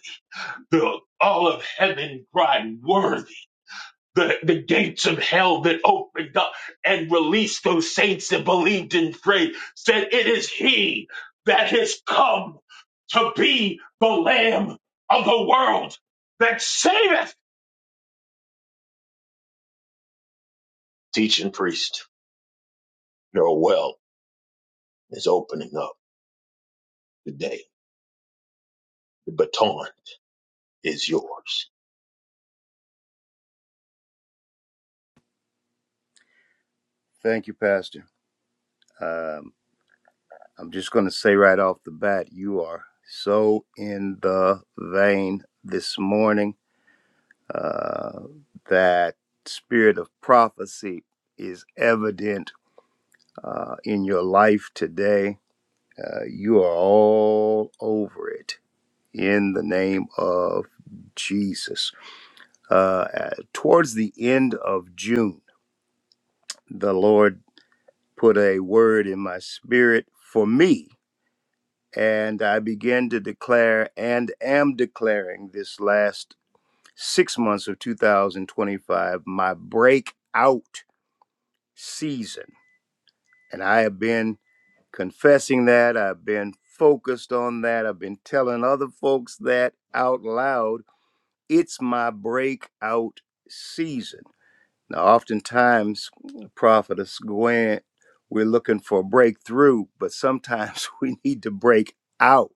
[SPEAKER 6] the all of heaven cried worthy. The, the gates of hell that opened up and released those saints that believed and prayed said, It is he that has come to be the Lamb of the world that saveth. Teaching priest, you're well is opening up today. The baton is yours.
[SPEAKER 7] Thank you, Pastor. Um, I'm just going to say right off the bat, you are so in the vein this morning. Uh, that spirit of prophecy is evident uh, in your life today. Uh, you are all over it in the name of Jesus. Uh, at- towards the end of June, the Lord put a word in my spirit for me And I began to declare and am declaring this last six months of 2025 my breakout season. And I have been confessing that. I've been focused on that. I've been telling other folks that out loud. It's my breakout season. Now, oftentimes, Prophetess Gwen, we're looking for a breakthrough, but sometimes (laughs) we need to break out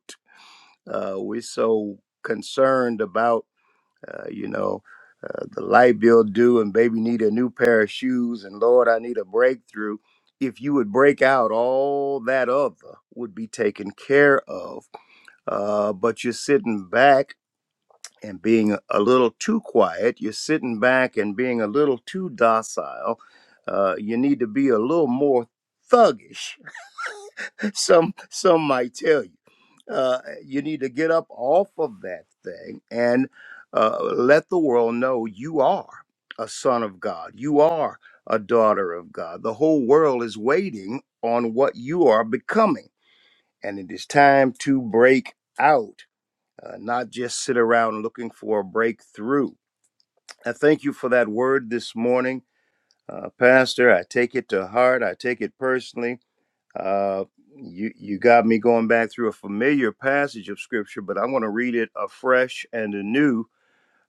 [SPEAKER 7] Uh, we're so concerned about, uh, you know, uh, the light bill due and baby need a new pair of shoes and Lord, I need a breakthrough. If you would break out, all that other would be taken care of. Uh, but you're sitting back and being a little too quiet. You're sitting back and being a little too docile. Uh, you need to be a little more thuggish some some might tell you uh, you need to get up off of that thing and uh, let the world know you are a son of god you are a daughter of god the whole world is waiting on what you are becoming and it is time to break out uh, not just sit around looking for a breakthrough i thank you for that word this morning uh, pastor i take it to heart i take it personally uh, you you got me going back through a familiar passage of scripture, but I'm going to read it afresh and anew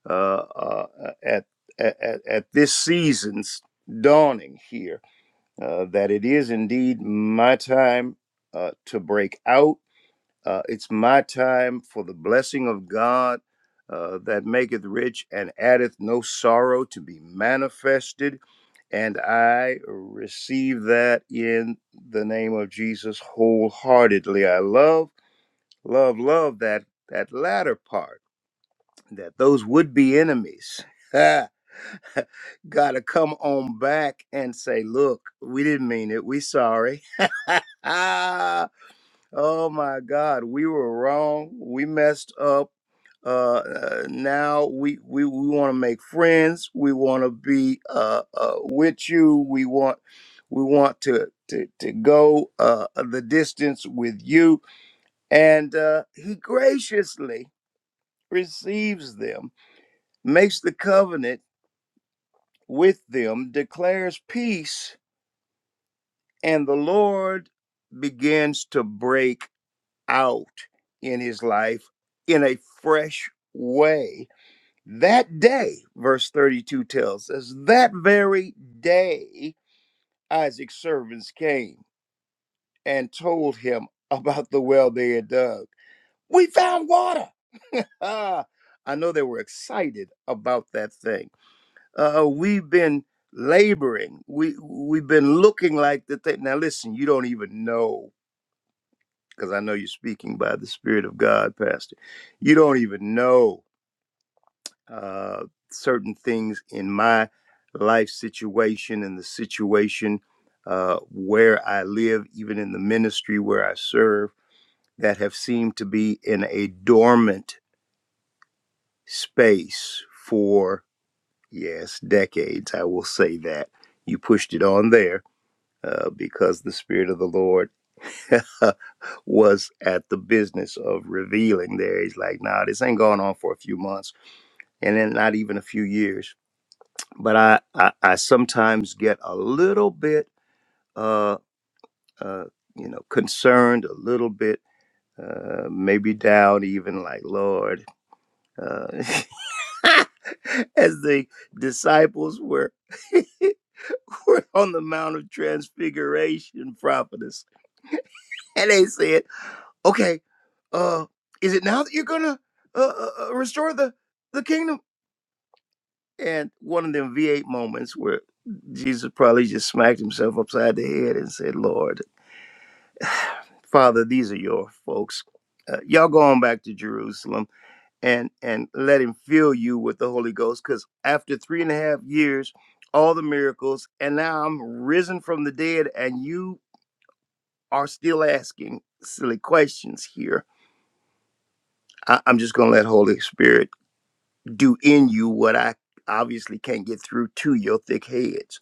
[SPEAKER 7] uh, uh, at, at at this season's dawning here. Uh, that it is indeed my time uh, to break out uh, it's my time for the blessing of God uh, that maketh rich and addeth no sorrow to be manifested. And I receive that in the name of Jesus wholeheartedly. I love, love, love that that latter part that those would be enemies. (laughs) gotta come on back and say, look, we didn't mean it. We sorry. (laughs) Oh my God, we were wrong. We messed up. Uh, uh, now we we, we want to make friends. We want to be uh, uh, with you. We want we want to to to go uh, the distance with you. And uh, he graciously receives them, makes the covenant with them, declares peace, and the Lord begins to break out in his life in a fresh way. That day, verse 32 tells us, that very day, Isaac's servants came and told him about the well they had dug. We found water. (laughs) I know they were excited about that thing. Uh, we've been laboring. We we've been looking like the thing. Now listen, you don't even know because I know you're speaking by the Spirit of God, Pastor. You don't even know uh, certain things in my life situation and the situation uh, where I live, even in the ministry where I serve, that have seemed to be in a dormant space for, yes, decades. I will say that. You pushed it on there uh, because the Spirit of the Lord (laughs) was at the business of revealing there. He's like, nah, this ain't going on for a few months and then not even a few years. But I, I, I sometimes get a little bit, uh, uh, you know, concerned, a little bit, uh, maybe down even like, Lord, uh, (laughs) as the disciples were, (laughs) were on the Mount of Transfiguration prophetess. And they said, okay uh is it now that you're gonna uh, uh uh, restore the the kingdom and one of them v8 moments where jesus probably just smacked himself upside the head and said lord father these are your folks uh, y'all go on back to jerusalem and and let him fill you with the holy ghost because after three and a half years all the miracles and now i'm risen from the dead and you are still asking silly questions here I, i'm just gonna let holy spirit do in you what I obviously can't get through to your thick heads.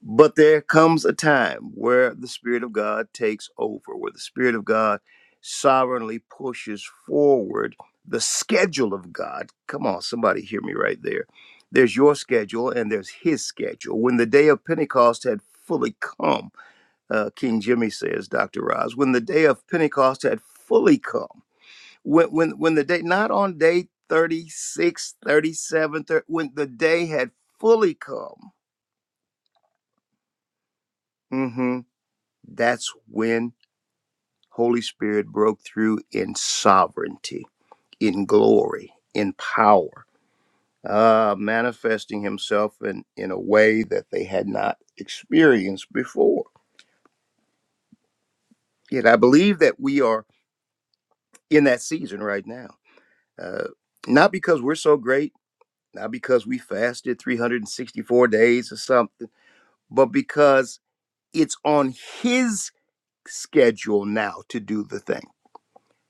[SPEAKER 7] But there comes a time where the Spirit of God takes over, where the Spirit of God sovereignly pushes forward the schedule of God. Come on, somebody hear me right there. There's your schedule and there's His schedule. When the day of Pentecost had fully come, uh, King Jimmy says, Dr. Roz, when the day of Pentecost had fully come, when when when the day not on day 36 thirty-seven, thirty, when the day had fully come hmm that's when holy spirit broke through in sovereignty in glory in power uh manifesting himself in in a way that they had not experienced before yet i believe that we are in that season right now uh not because we're so great not because we fasted 364 days or something but because it's on his schedule now to do the thing.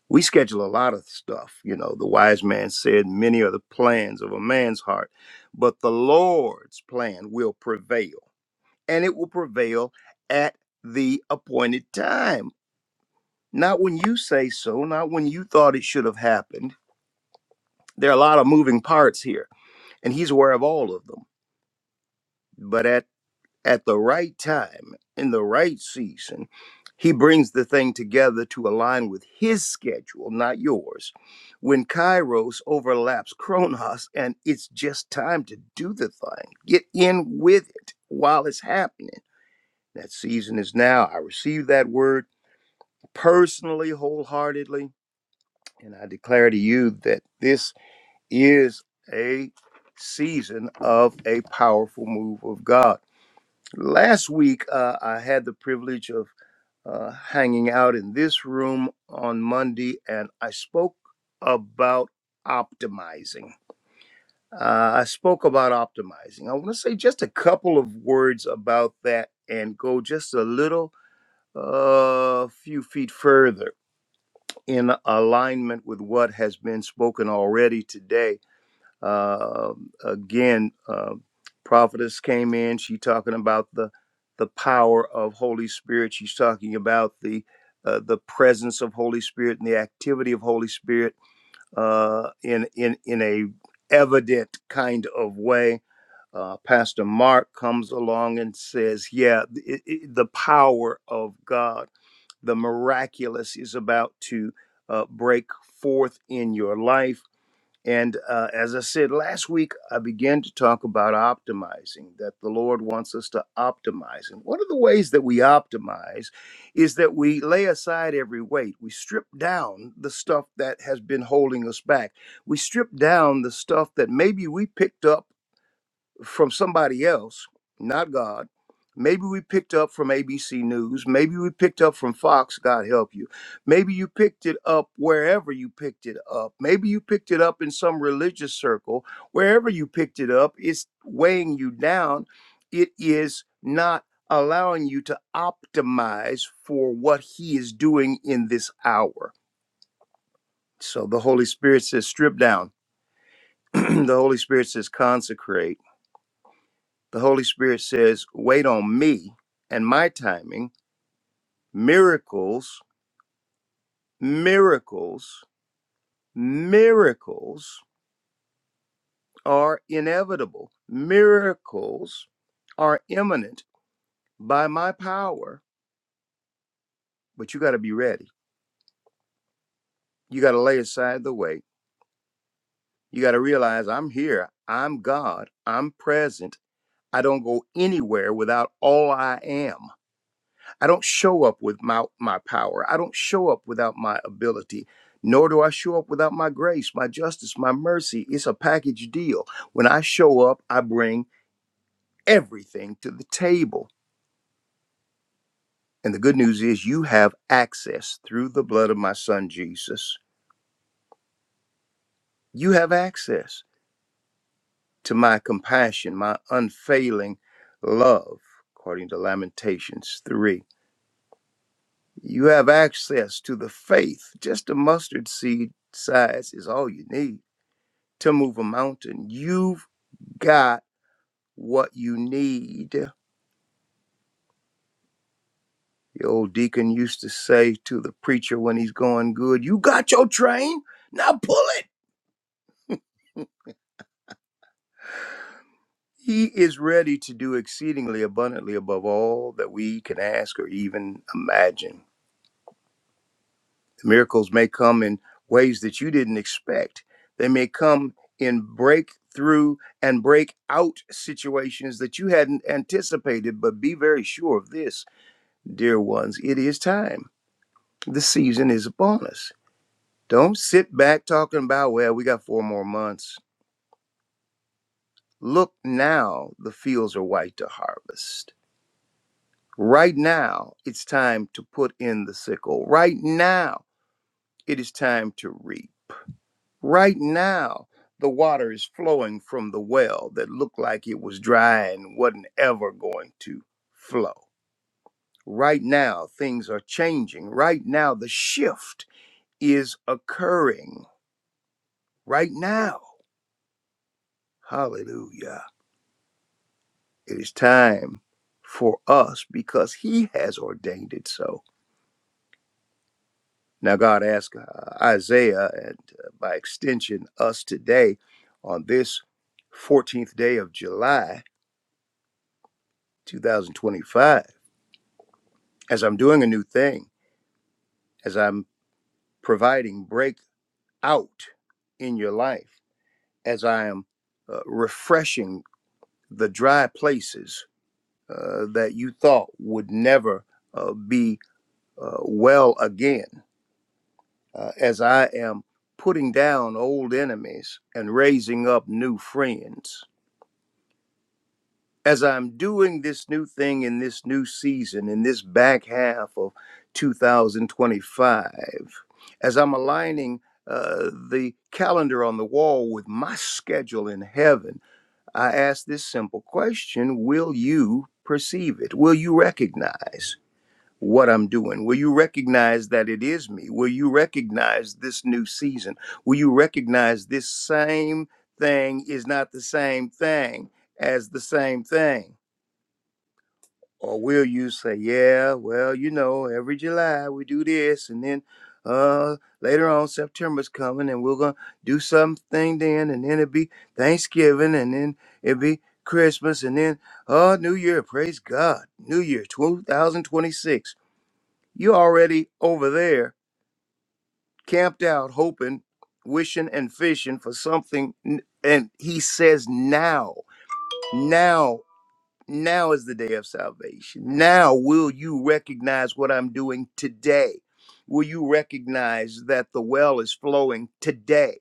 [SPEAKER 7] We schedule a lot of stuff. You know, the wise man said, Many are the plans of a man's heart, but the Lord's plan will prevail, and it will prevail at the appointed time. Not when you say so, not when you thought it should have happened. There are a lot of moving parts here, and he's aware of all of them. But at at the right time, in the right season, he brings the thing together to align with his schedule, not yours. When Kairos overlaps Chronos, and it's just time to do the thing, get in with it while it's happening. That season is now. I receive that word personally, wholeheartedly, and I declare to you that this is a season of a powerful move of God Last week, uh, I had the privilege of uh, hanging out in this room on Monday, and I spoke about optimizing. Uh, I spoke about optimizing. I want to say just a couple of words about that and go just a little uh, few feet further in alignment with what has been spoken already today uh, again, uh, prophetess came in. She talking about the the power of Holy Spirit. She's talking about the uh, the presence of Holy Spirit and the activity of Holy Spirit uh, in in in a evident kind of way. Uh, Pastor Mark comes along and says, "Yeah, it, it, the power of God, the miraculous, is about to uh, break forth in your life." And uh, as I said last week, I began to talk about optimizing, that the Lord wants us to optimize. And one of the ways that we optimize is that we lay aside every weight. We strip down the stuff that has been holding us back. We strip down the stuff that maybe we picked up from somebody else, not God. Maybe we picked up from ABC News. Maybe we picked up from Fox, God help you. Maybe you picked it up wherever you picked it up. Maybe you picked it up in some religious circle. Wherever you picked it up, it's weighing you down. It is not allowing you to optimize for what He is doing in this hour. So the Holy Spirit says, strip down. (clears throat) the Holy Spirit says, consecrate The Holy Spirit says, wait on me and my timing. Miracles, miracles, miracles are inevitable. Miracles are imminent by my power, but you got to be ready. You got to lay aside the weight. You got to realize I'm here. I'm God. I'm present. I don't go anywhere without all I am. I don't show up with my, my power. I don't show up without my ability, nor do I show up without my grace, my justice, my mercy. It's a package deal. When I show up, I bring everything to the table. And the good news is, you have access through the blood of my son Jesus. You have access to my compassion, my unfailing love, according to Lamentations 3. You have access to the faith. Just a mustard seed size is all you need to move a mountain. You've got what you need. The old deacon used to say to the preacher when he's going good, You got your train? Now pull it. He is ready to do exceedingly abundantly above all that we can ask or even imagine. The miracles may come in ways that you didn't expect, they may come in breakthrough and break out situations that you hadn't anticipated. But be very sure of this, dear ones, it is time. The season is upon us. Don't sit back talking about, well, we got four more months. Look now, the fields are white to harvest. Right now, it's time to put in the sickle. Right now, it is time to reap. Right now, the water is flowing from the well that looked like it was dry and wasn't ever going to flow. Right now, things are changing. Right now, the shift is occurring. Right now. Hallelujah. It is time for us because he has ordained it so. Now, God asked uh, Isaiah and uh, by extension us today on this 14th day of July 2025, as I'm doing a new thing, as I'm providing breakout in your life, as I am uh, refreshing the dry places uh, that you thought would never uh, be uh, well again uh, as I am putting down old enemies and raising up new friends. As I'm doing this new thing in this new season, in this back half of 2025, as I'm aligning uh, the calendar on the wall with my schedule in heaven, I ask this simple question Will you perceive it? Will you recognize? what I'm doing? Will you recognize that it is me? Will you recognize this new season? Will you recognize this same thing is not the same thing as the same thing? Or will you say, yeah, well, you know, every July we do this and then uh later on September's coming and we're gonna do something then and then it'll be Thanksgiving and then it'll be Christmas and then oh New Year, praise God. New Year 2026 you're already over there, camped out, hoping, wishing, and fishing for something. n- And he says, Now, now, now is the day of salvation. Now will you recognize what I'm doing today? Will you recognize that the well is flowing today?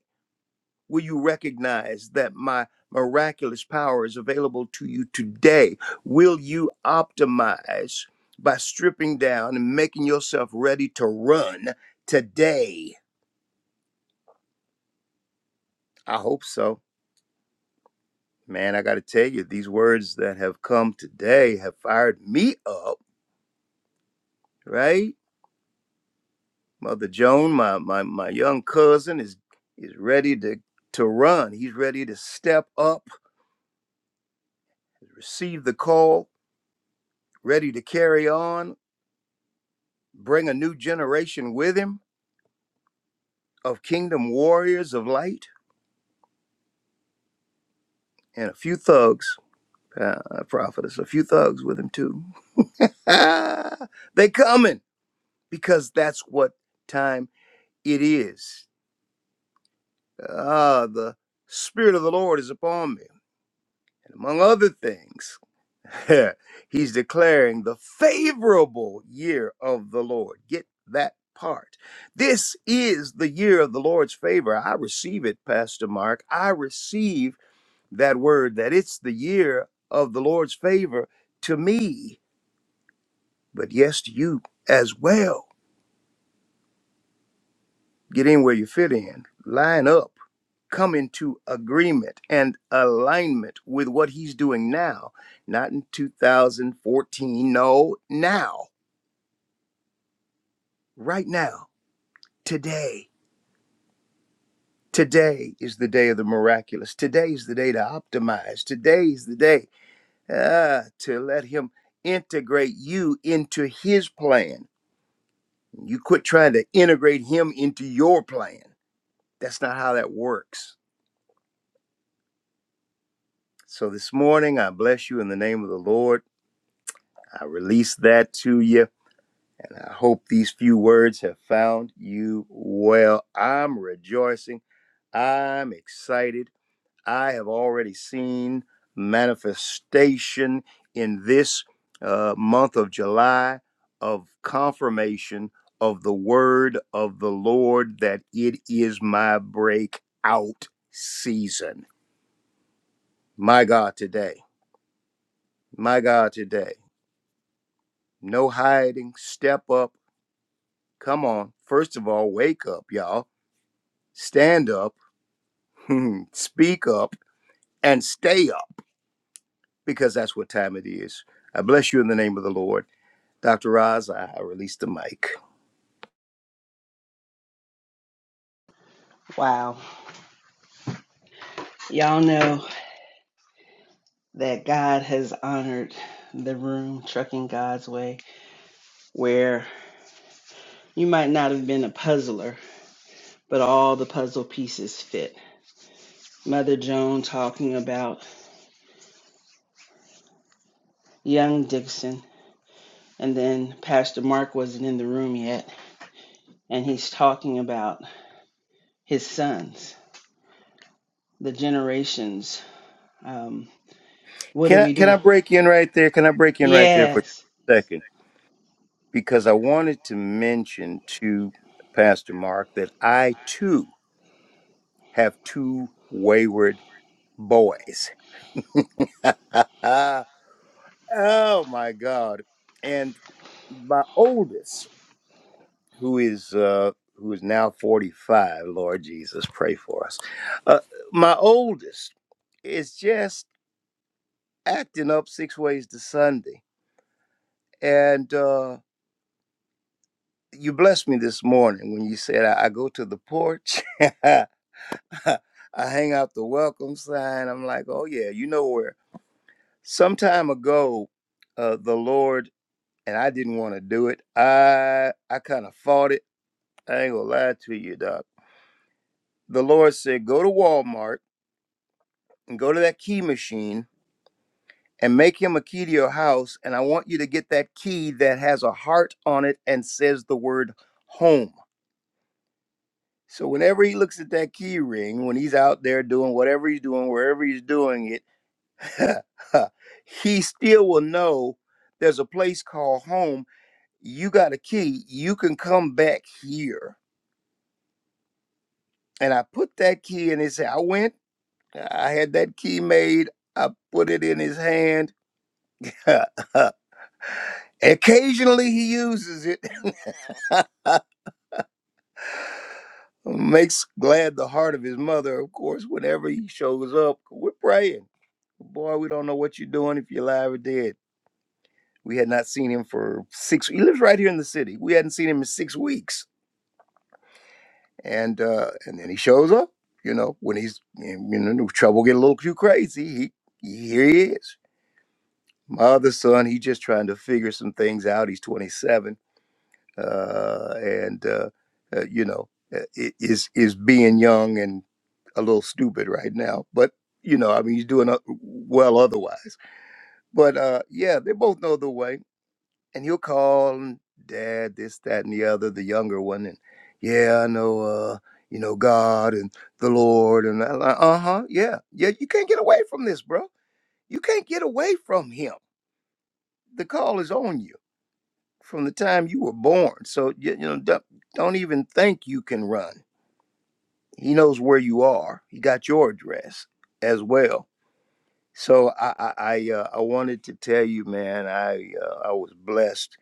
[SPEAKER 7] Will you recognize that my miraculous power is available to you today? Will you optimize by stripping down and making yourself ready to run today? I hope so. Man, I got to tell you, these words that have come today have fired me up, right? Mother Joan, my, my, my young cousin, is, is ready to, to run. He's ready to step up, receive the call, ready to carry on bring a new generation with him of kingdom warriors of light and a few thugs, uh, prophetess, a few thugs with him too. (laughs) they coming because that's what time it is. Ah, the Spirit of the Lord is upon me. And among other things, (laughs) He's declaring the favorable year of the Lord. Get that part. This is the year of the Lord's favor. I receive it, Pastor Mark. I receive that word that it's the year of the Lord's favor to me, but yes, to you as well. Get in where you fit in, line up, come into agreement and alignment with what He's doing now, not in 2014. No, now, right now today. Today is the day of the miraculous. Today is the day to optimize. Today is the day ah, to let Him integrate you into His plan. You quit trying to integrate Him into your plan. That's not how that works. So this morning, I bless you in the name of the Lord. I release that to you, and I hope these few words have found you well. I'm rejoicing. I'm excited. I have already seen manifestation in this uh, month of July of confirmation of the word of the Lord that it is my breakout season. My God, today. My God, today. No hiding. Step up. Come on. First of all, wake up, y'all. Stand up, (laughs) speak up, and stay up because that's what time it is. I bless you in the name of the Lord. Dr. Roz, I, I released the mic.
[SPEAKER 1] Wow. Y'all know that God has honored the room, Trucking God's Way, where you might not have been a puzzler, but all the puzzle pieces fit. Mother Joan talking about young Dixon, and then Pastor Mark wasn't in the room yet, and he's talking about his sons, the generations. Um, what
[SPEAKER 7] Can
[SPEAKER 1] are
[SPEAKER 7] I,
[SPEAKER 1] we
[SPEAKER 7] can I
[SPEAKER 1] doing?
[SPEAKER 7] break in right there? Can I break in right there for
[SPEAKER 1] Yes.
[SPEAKER 7] a second? Because I wanted to mention to Pastor Mark that I too have two wayward boys. (laughs) oh my God. And my oldest, who is uh, who is now 45, Lord Jesus, pray for us. Uh, my oldest is just acting up six ways to Sunday And uh, you blessed me this morning when you said I, I go to the porch, (laughs) I hang out the welcome sign. I'm like, oh yeah, you know where. Some time ago, uh, the Lord and I didn't want to do it. I I kind of fought it. I ain't gonna lie to you, Doc. The Lord said, go to Walmart and go to that key machine and make him a key to your house. And I want you to get that key that has a heart on it and says the word home So whenever he looks at that key ring, when he's out there doing whatever he's doing, wherever he's doing it, (laughs) he still will know there's a place called home. You got a key. You can come back here. And I put that key in his hand. I went, I had that key made. I put it in his hand. (laughs) Occasionally he uses it. (laughs) Makes glad the heart of his mother, of course, whenever he shows up. We're praying. Boy, we don't know what you're doing if you're alive or dead. We had not seen him for six. He lives right here in the city. We hadn't seen him in six weeks, and uh, and then he shows up. You know, when he's you know trouble get a little too crazy, he, he here he is. My other son, he's just trying to figure some things out. He's 27 uh, and uh, uh, you know uh, i- is is being young and a little stupid right now but you know i mean he's doing o- well otherwise but uh, yeah they both know the way and he'll call and, dad this that and the other the younger one and yeah i know uh, you know god and the lord and like, uh-huh yeah yeah you can't get away from this bro you can't get away from him the call is on you from the time you were born. So you, you know, don't, don't even think you can run. He knows where you are. He got your address as well. So I I I, uh, I wanted to tell you, man, I uh, I was blessed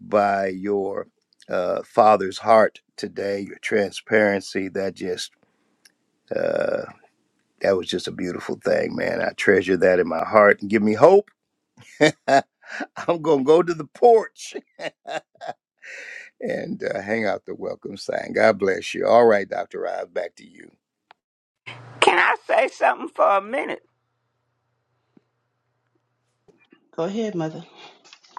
[SPEAKER 7] by your uh, father's heart today. Your transparency that just uh, that was just a beautiful thing, man. I treasure that in my heart and give me hope. (laughs) I'm gonna go to the porch and uh, hang out the welcome sign. God bless you. All right, Dr. Rob, back to you.
[SPEAKER 5] Can I say something for a minute?
[SPEAKER 1] Go ahead, Mother.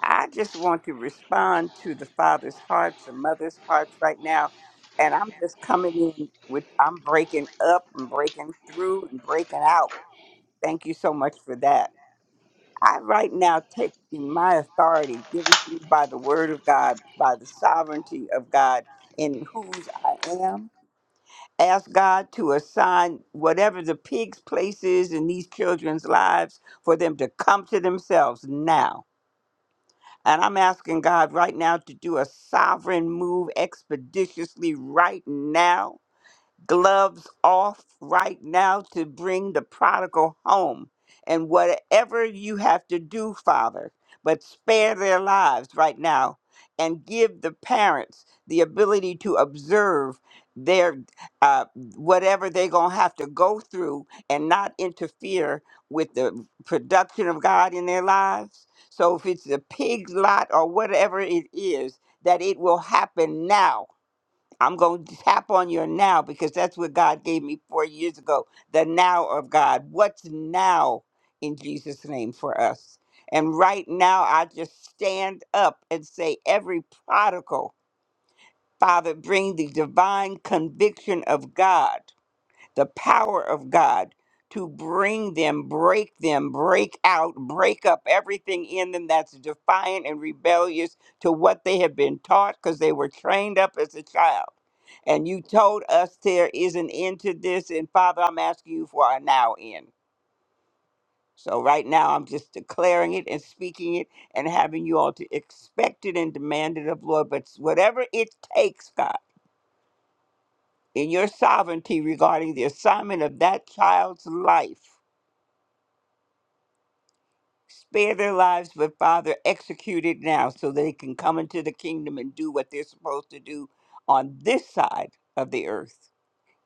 [SPEAKER 5] I just want to respond to the father's hearts, the mother's hearts right now. And I'm just coming in with, I'm breaking up and breaking through and breaking out. Thank you so much for that. I right now take in my authority given to me by the word of God, by the sovereignty of God in whose I am ask God to assign whatever the pig's place is in these children's lives for them to come to themselves now. And I'm asking God right now to do a sovereign move expeditiously right now gloves off right now to bring the prodigal home. And whatever you have to do, Father, but spare their lives right now and give the parents the ability to observe their uh, whatever they're going to have to go through and not interfere with the production of God in their lives. So if it's a pig lot or whatever it is, that it will happen now I'm going to tap on your now because that's what God gave me four years ago the now of God. What's now in Jesus' name for us? And right now, I just stand up and say, every prodigal, Father, bring the divine conviction of God the power of God to bring them, break them, break out, break up everything in them that's defiant and rebellious to what they have been taught because they were trained up as a child. And you told us there is an end to this. And Father, I'm asking you for a now end. So right now, I'm just declaring it and speaking it and having you all to expect it and demand it of Lord. But whatever it takes, God, in your sovereignty regarding the assignment of that child's life. spare their lives, but Father, execute it now so they can come into the kingdom and do what they're supposed to do on this side of the earth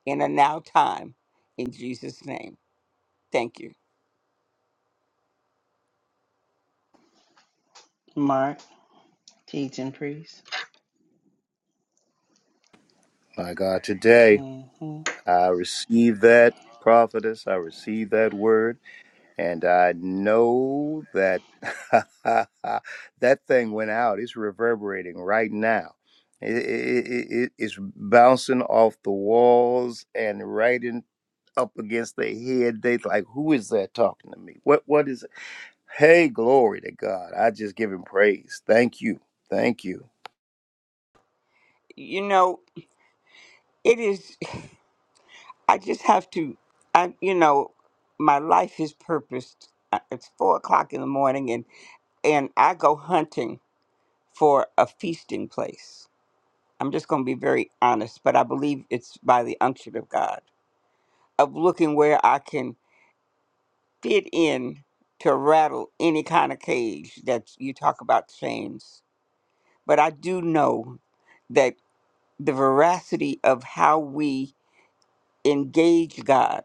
[SPEAKER 5] in a now time. In Jesus' name. Thank you.
[SPEAKER 1] Mark. Teach and priest.
[SPEAKER 7] My God, today
[SPEAKER 1] hmm
[SPEAKER 7] I receive that prophetess, I receive that word, and I know that (laughs) that thing went out. It's reverberating right now. It, it, it, it- it's bouncing off the walls and right in up against their head. They like, who is that talking to me? What what is Hey, glory to God. I just give him praise. Thank you. Thank you.
[SPEAKER 5] You know, it is, (sighs) I just have to, I, you know, my life is purposed. Uh, It's four o'clock in the morning and, and I go hunting for a feasting place. I'm just going to be very honest, but I believe it's by the unction of God, of looking where I can fit in to rattle any kind of cage that you talk about chains. But I do know that the veracity of how we engage God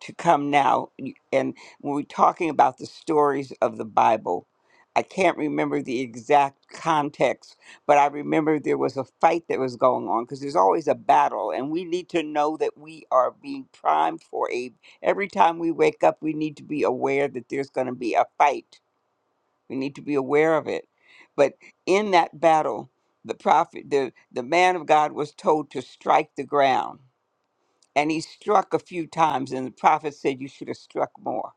[SPEAKER 5] to come now. And when we're talking about the stories of the Bible, I can't remember the exact context, but I remember there was a fight that was going on because there's always a battle, and we need to know that we are being primed for a. Every time we wake up, we need to be aware that there's going to be a fight. We need to be aware of it. But in that battle, the prophet, the, the man of God was told to strike the ground and he struck a few times and the prophet said you should have struck more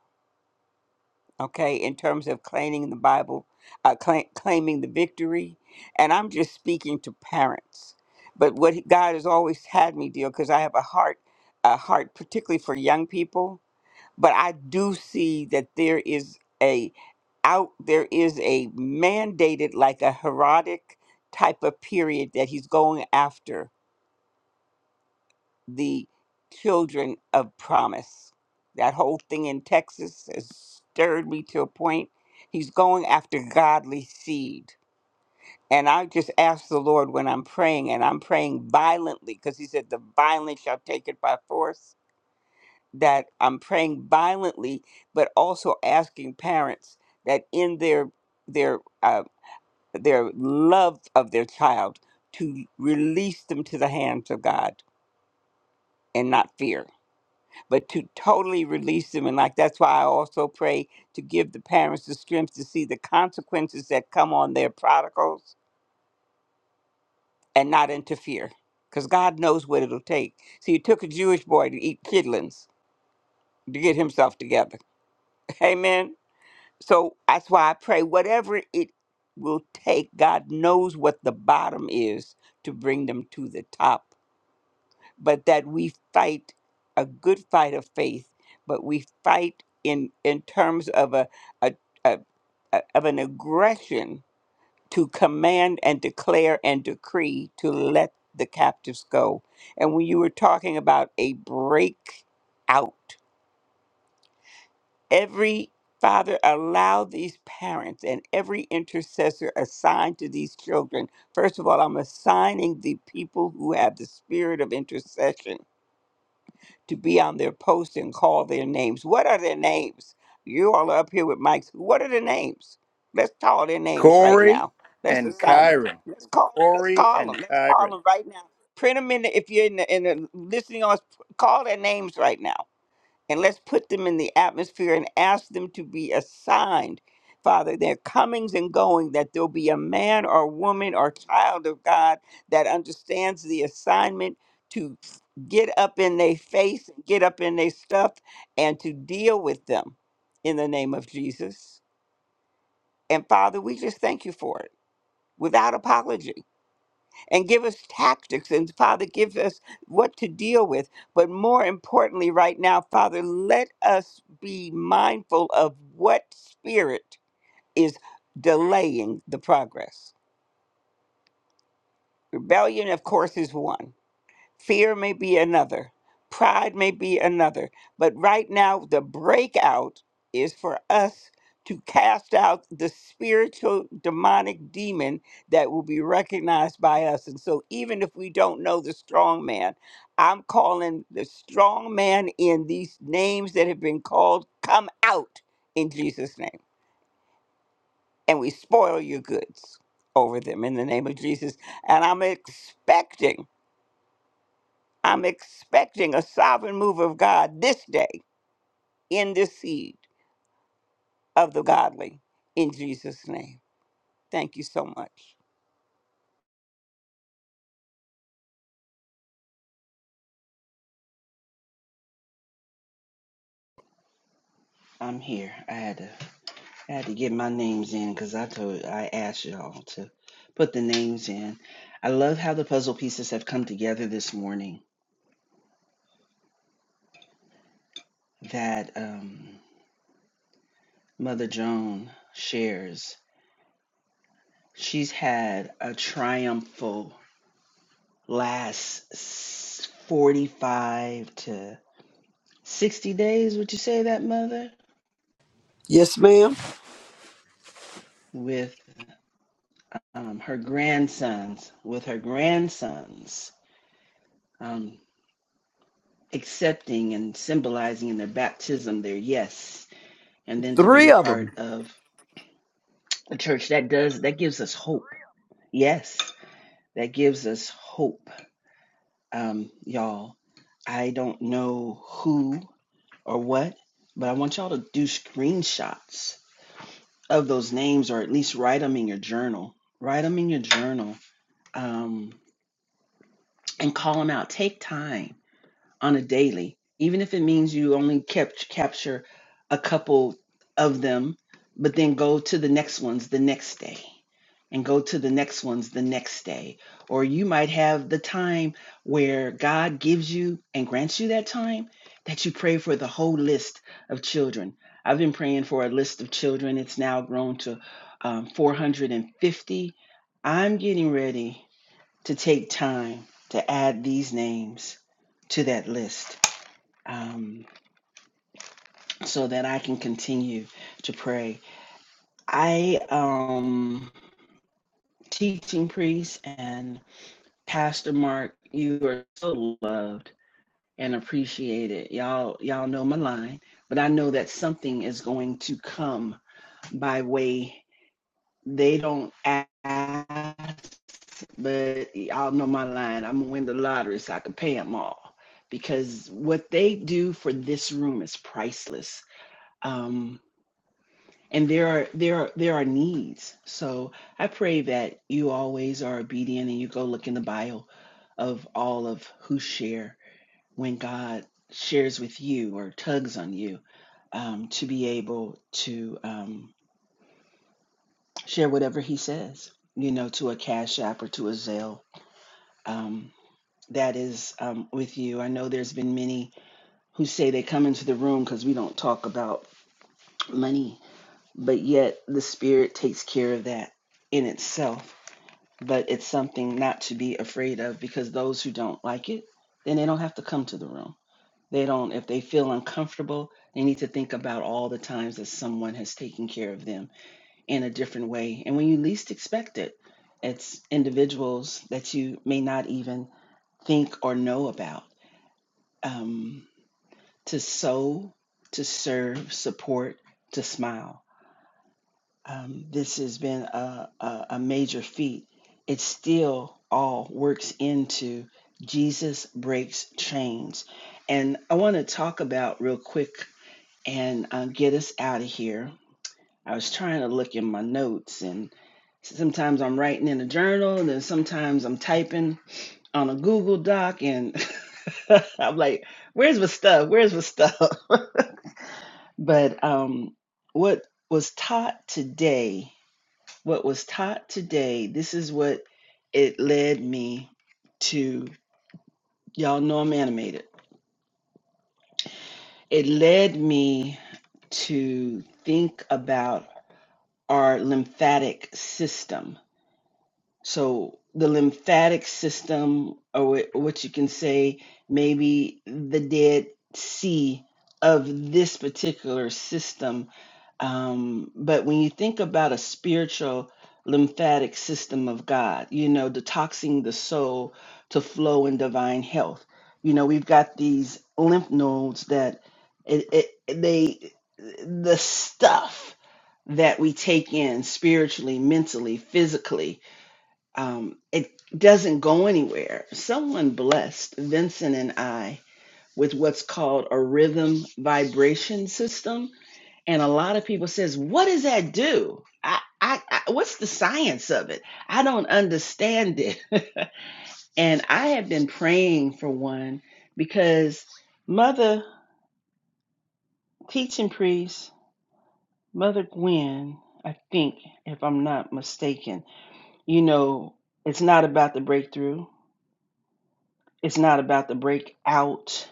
[SPEAKER 5] okay in terms of claiming the bible uh, cla claiming the victory and i'm just speaking to parents but what he- god has always had me deal because i have a heart a heart particularly for young people but i do see that there is a out there is a mandated like a herodic type of period that he's going after the children of promise. That whole thing in Texas has stirred me to a point. He's going after godly seed. And I just ask the Lord when I'm praying, and I'm praying violently, because he said, The violent shall take it by force. That I'm praying violently, but also asking parents that in their their uh, their love of their child to release them to the hands of God and not fear but to totally release them. And like that's why I also pray to give the parents the strength to see the consequences that come on their prodigals and not interfere. Because God knows what it'll take. See, it took a Jewish boy to eat kidlings to get himself together. (laughs) Amen. So that's why I pray whatever it will take, God knows what the bottom is to bring them to the top but that we fight a good fight of faith, but we fight in in terms of a, a, a, a of an aggression to command and declare and decree to let the captives go. And when you were talking about a break out, every Father, allow these parents and every intercessor assigned to these children. First of all, I'm assigning the people who have the spirit of intercession to be on their post and call their names. What are their names? You all are up here with mics. What are their names? Let's call their names right
[SPEAKER 7] Corey
[SPEAKER 5] now. Let's
[SPEAKER 7] and
[SPEAKER 5] assign them.
[SPEAKER 7] Kyron.
[SPEAKER 5] Let's call. Let's
[SPEAKER 7] Corey
[SPEAKER 5] call them.
[SPEAKER 7] and
[SPEAKER 5] Let's call
[SPEAKER 7] Kyron.
[SPEAKER 5] them right now. Print them in. The, if you're in the, in the listening on, call their names right now and let's put them in the atmosphere and ask them to be assigned, Father, their comings and going, that there'll be a man or woman or child of God that understands the assignment to get up in their face, get up in their stuff, and to deal with them in the name of Jesus. And Father, we just thank you for it without apology and give us tactics and father give us what to deal with but more importantly right now father let us be mindful of what spirit is delaying the progress rebellion of course is one Fear may be another. Pride may be another. But right now, the breakout is for us to cast out the spiritual demonic demon that will be recognized by us. And so, even if we don't know the strong man, I'm calling the strong man in these names that have been called, come out in Jesus' name. And we spoil your goods over them in the name of Jesus. And I'm expecting. I'm expecting a sovereign move of God this day in this seed of the godly in Jesus' name. Thank you so much.
[SPEAKER 1] I'm here. I had to I had to get my names in because I told I asked y'all to put the names in. I love how the puzzle pieces have come together this morning. That um, Mother Joan shares. She's had a triumphal last s- 45 to 60 days. Would you say that, Mother?
[SPEAKER 4] Yes, ma'am.
[SPEAKER 1] With um, her grandsons, with her grandsons. Um, accepting and symbolizing in their baptism their yes and then to be
[SPEAKER 4] Three
[SPEAKER 1] a
[SPEAKER 4] of them.
[SPEAKER 1] part of a church that does that gives us hope yes that gives us hope um y'all i don't know who or what but i want y'all to do screenshots of those names or at least write them in your journal write them in your journal um and call them out take time on a daily, even if it means you only kept capture a couple of them, but then go to the next ones the next day and go to the next ones the next day. Or you might have the time where God gives you and grants you that time that you pray for the whole list of children. I've been praying for a list of children. It's now grown to um, 450. I'm getting ready to take time to add these names to that list um, so that I can continue to pray. I um teaching priest and Pastor Mark, you are so loved and appreciated. Y'all y'all know my line, but I know that something is going to come by way they don't ask but y'all know my line. I'm gonna win the lottery so I can pay them all because what they do for this room is priceless. Um, and there are there are there are needs. So I pray that you always are obedient and you go look in the bio of all of who share when God shares with you or tugs on you um, to be able to um, share whatever He says. You know, to a cash app or to a Zelle. Um, that is um, with you. I know there's been many who say they come into the room because we don't talk about money, but yet the Spirit takes care of that in itself. But it's something not to be afraid of because those who don't like it, then they don't have to come to the room. They don't, if they feel uncomfortable, they need to think about all the times that someone has taken care of them in a different way. And when you least expect it, it's individuals that you may not even think or know about. Um, to sow, to serve, support, to smile. Um, this has been a, a, a major feat. It still all works into Jesus breaks chains. And I want to talk about real quick and uh, get us out of here. I was trying to look in my notes, and sometimes I'm writing in a journal, and then sometimes I'm typing on a Google Doc, and (laughs) I'm like, where's my stuff? Where's my stuff? But um, what was taught today, what was taught today, this is what it led me to. Y'all know I'm animated. It led me to think about our lymphatic system. So, the lymphatic system, or what you can say, maybe the dead sea of this particular system Um, but when you think about a spiritual lymphatic system of God, you know, detoxing the soul to flow in divine health, you know, we've got these lymph nodes that it, it, they, the stuff that we take in spiritually, mentally, physically, um, it doesn't go anywhere. Someone blessed Vincent and I with what's called a rhythm vibration system and a lot of people says what does that do I, I i what's the science of it i don't understand it (laughs) and i have been praying for one because mother teaching priest mother gwen i think if i'm not mistaken you know it's not about the breakthrough it's not about the breakout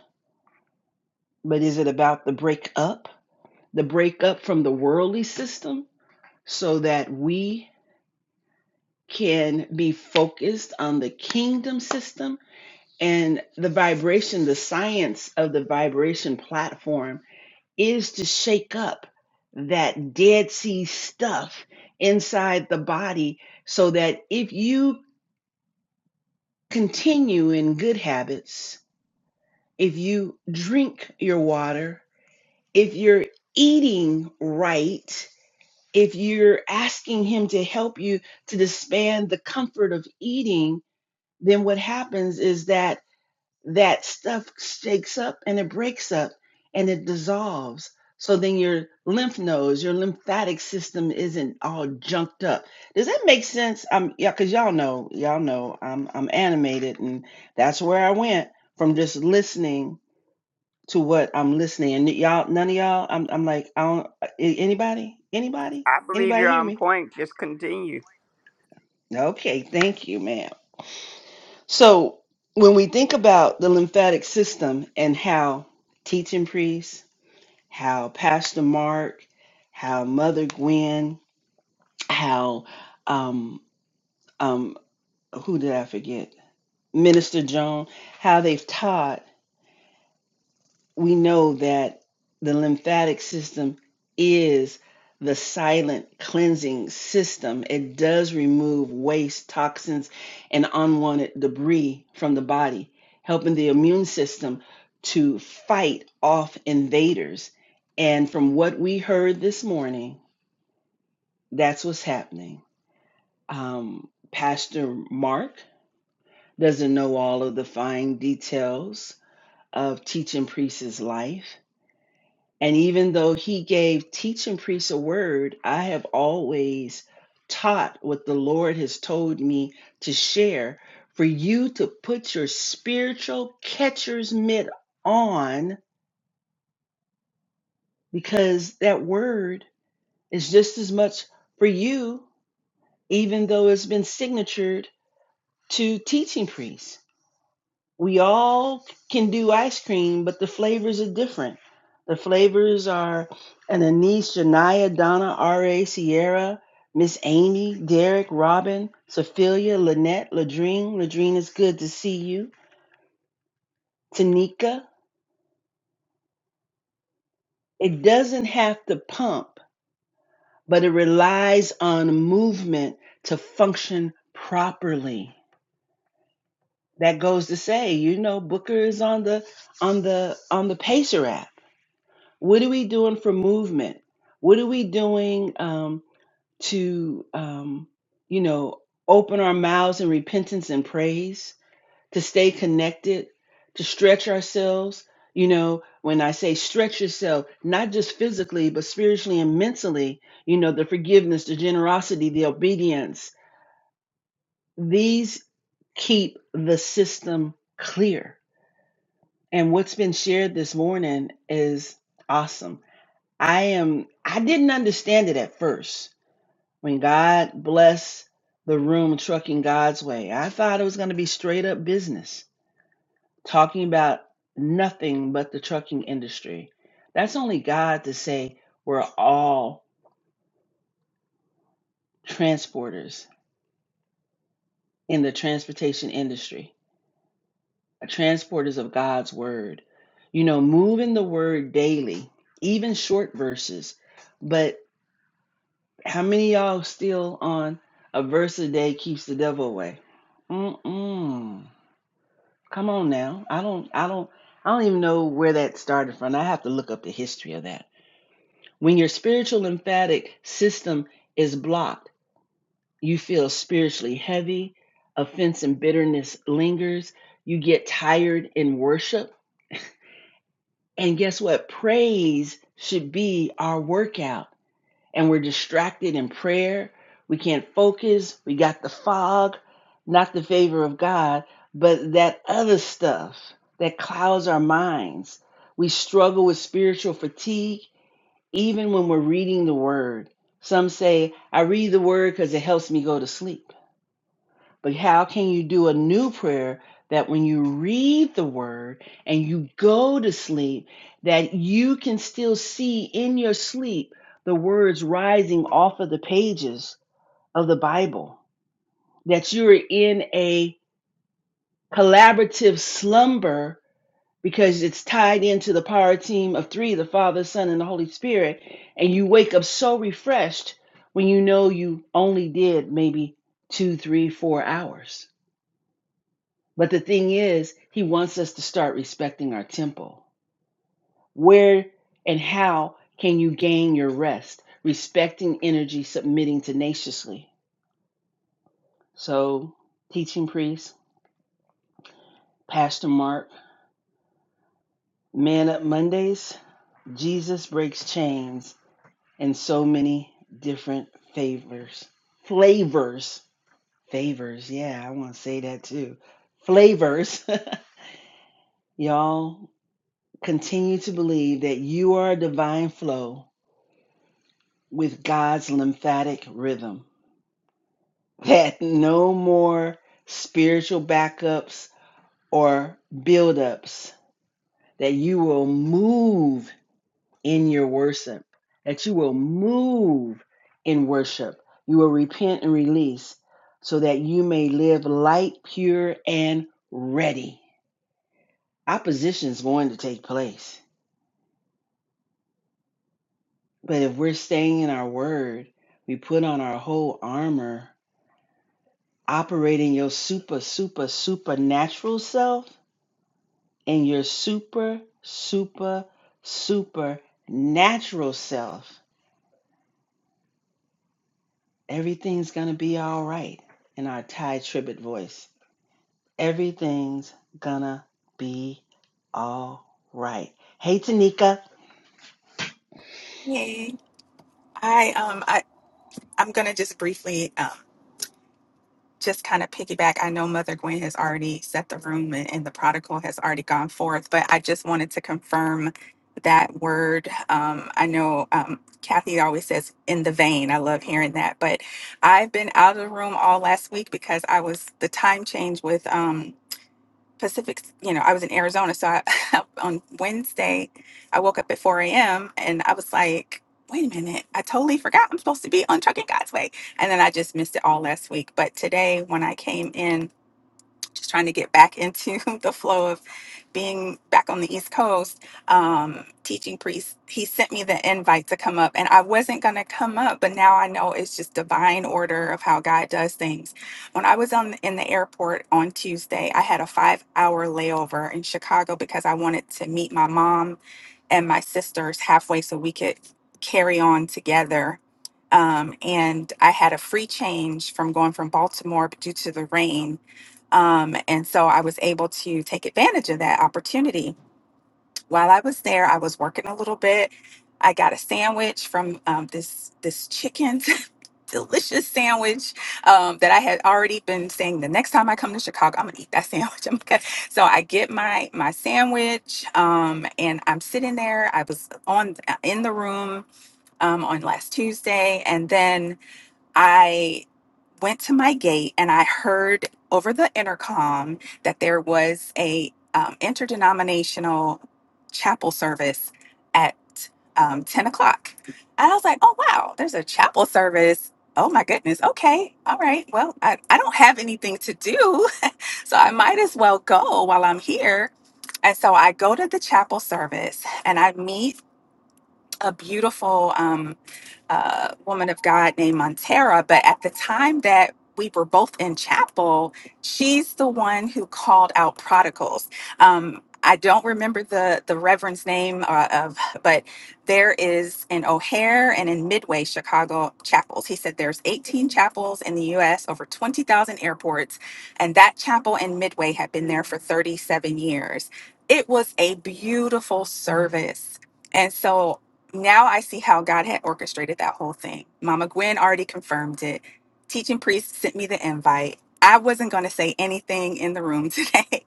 [SPEAKER 1] but is it about the break up, the break up from the worldly system so that we can be focused on the kingdom system and the vibration, the science of the vibration platform is to shake up that Dead Sea stuff inside the body so that if you continue in good habits, if you drink your water, if you're eating right, if you're asking Him to help you to disband the comfort of eating, then what happens is that that stuff shakes up and it breaks up and it dissolves. So then your lymph nodes, your lymphatic system isn't all junked up. Does that make sense? Um, yeah, cause y'all know, y'all know, I'm I'm animated, and that's where I went from just listening to what I'm listening. And y'all, none of y'all, I'm I'm like, I don't. uh, a- Anybody, anybody,
[SPEAKER 5] I believe
[SPEAKER 1] anybody
[SPEAKER 5] you're
[SPEAKER 1] hear
[SPEAKER 5] on
[SPEAKER 1] me?
[SPEAKER 5] point. Just continue.
[SPEAKER 1] Okay, thank you, man. So when we think about the lymphatic system and how teaching priests, how Pastor Mark, how Mother Gwen, how um um who did I forget? Minister Joan, how they've taught we know that the lymphatic system is the silent cleansing system. It does remove waste, toxins, and unwanted debris from the body, helping the immune system to fight off invaders. And from what we heard this morning, that's what's happening. Um, Pastor Mark doesn't know all of the fine details of teaching priest's life And even though he gave teach and preach a word, I have always taught what the Lord has told me to share for you to put your spiritual catcher's mitt on because that word is just as much for you, even though it's been signatured to teaching priest. we all can do ice cream, but the flavors are different. The flavors are an Anise, Janaya, Donna, R.A., Sierra, Miss Amy, Derek, Robin, Sophia, Lynette, Ladrine. Ladrine, is good to see you. Tanika. It doesn't have to pump, but it relies on movement to function properly. That goes to say, you know, Booker is on the on the on the pacer app What are we doing for movement? What are we doing um, to, um, you know, open our mouths in repentance and praise, to stay connected, to stretch ourselves? You know, when I say stretch yourself, not just physically, but spiritually and mentally, you know, the forgiveness, the generosity, the obedience, these keep the system clear. And what's been shared this morning is awesome I am I didn't understand it at first when God blessed the room trucking God's way. I thought it was going to be straight up business, talking about nothing but the trucking industry. That's only God to say we're all transporters in the transportation industry, transporters of God's word. You know, moving the word daily, even short verses. but. How many of y'all still on a verse a day keeps the devil away? Mm-mm. Come on now. I don't I don't I don't even know where that started from. I have to look up the history of that. When your spiritual lymphatic system is blocked, you feel spiritually heavy, offense and bitterness lingers, you get tired in worship. And guess what? Praise should be our workout and we're distracted in prayer. We can't focus. We got the fog, not the favor of God, but that other stuff that clouds our minds. We struggle with spiritual fatigue even when we're reading the word. Some say, I read the word because it helps me go to sleep. But how can you do a new prayer that when you read the word and you go to sleep, that you can still see in your sleep the words rising off of the pages of the Bible? That you're in a collaborative slumber because it's tied into the power team of three the Father, Son, and the Holy Spirit. And you wake up so refreshed when you know you only did maybe two, three, four hours But the thing is, he wants us to start respecting our temple. Where and how can you gain your rest? Respecting energy, submitting tenaciously. So, teaching priest, Pastor Mark, Man Up Mondays, Jesus Breaks Chains, and so many different favors. Flavors. Favors. Yeah, I want to say that too. Flavors. (laughs) Y'all continue to believe that you are a divine flow with God's lymphatic rhythm. Had no more spiritual backups or buildups. That you will move in your worship. That you will move in worship. You will repent and release so that you may live light, pure, and ready. Opposition is going to take place. But if we're staying in our word, we put on our whole armor operating your super, super, supernatural self and your super, super, super natural self, everything's going to be all right in our Thai tribute voice. Everything's gonna be all right. Hey, Tanika.
[SPEAKER 8] Hey, I um I I'm gonna just briefly um just kind of piggyback. I know Mother Gwen has already set the room and, and the prodigal has already gone forth, but I just wanted to confirm that word. Um, I know um, Kathy always says in the vein. I love hearing that, but I've been out of the room all last week because I was the time change with um Pacific, you know, I was in Arizona. So I, (laughs) on Wednesday, I woke up at 4 a.m. and I was like, wait a minute, I totally forgot I'm supposed to be on Trucking God's Way. And then I just missed it all last week. But today, when I came in, just trying to get back into (laughs) the flow of being back on the East Coast, um, teaching priest. He sent me the invite to come up, and I wasn't going to come up, but now I know it's just divine order of how God does things. When I was on in the airport on Tuesday, I had a five hour layover in Chicago because I wanted to meet my mom and my sisters halfway so we could carry on together. Um, and I had a free change from going from Baltimore but due to the rain um, and so I was able to take advantage of that opportunity. While I was there, I was working a little bit. I got a sandwich from um, this this chicken, (laughs) delicious sandwich um, that I had already been saying. The next time I come to Chicago, I'm gonna eat that sandwich. (laughs) I'm gonna-" So I get my my sandwich, um, and I'm sitting there. I was on uh, in the room um, on last Tuesday, and then I went to my gate and I heard over the intercom that there was a um, interdenominational chapel service at um, 10 o'clock. And I was like, oh, wow, there's a chapel service. Oh my goodness. Okay. All right. Well, I, I don't have anything to do, (laughs) so I might as well go while I'm here. And so I go to the chapel service and I meet a beautiful um, uh, woman of God named Montera. But at the time that we were both in chapel, she's the one who called out prodigals. Um, I don't remember the the reverend's name uh, of, but there is in O'Hare and in Midway Chicago chapels. He said there's 18 chapels in the U.S. over 20,000 airports, and that chapel in Midway had been there for 37 years. It was a beautiful service. And so now I see how God had orchestrated that whole thing. Mama Gwen already confirmed it. Teaching priest sent me the invite. I wasn't going to say anything in the room (laughs) today.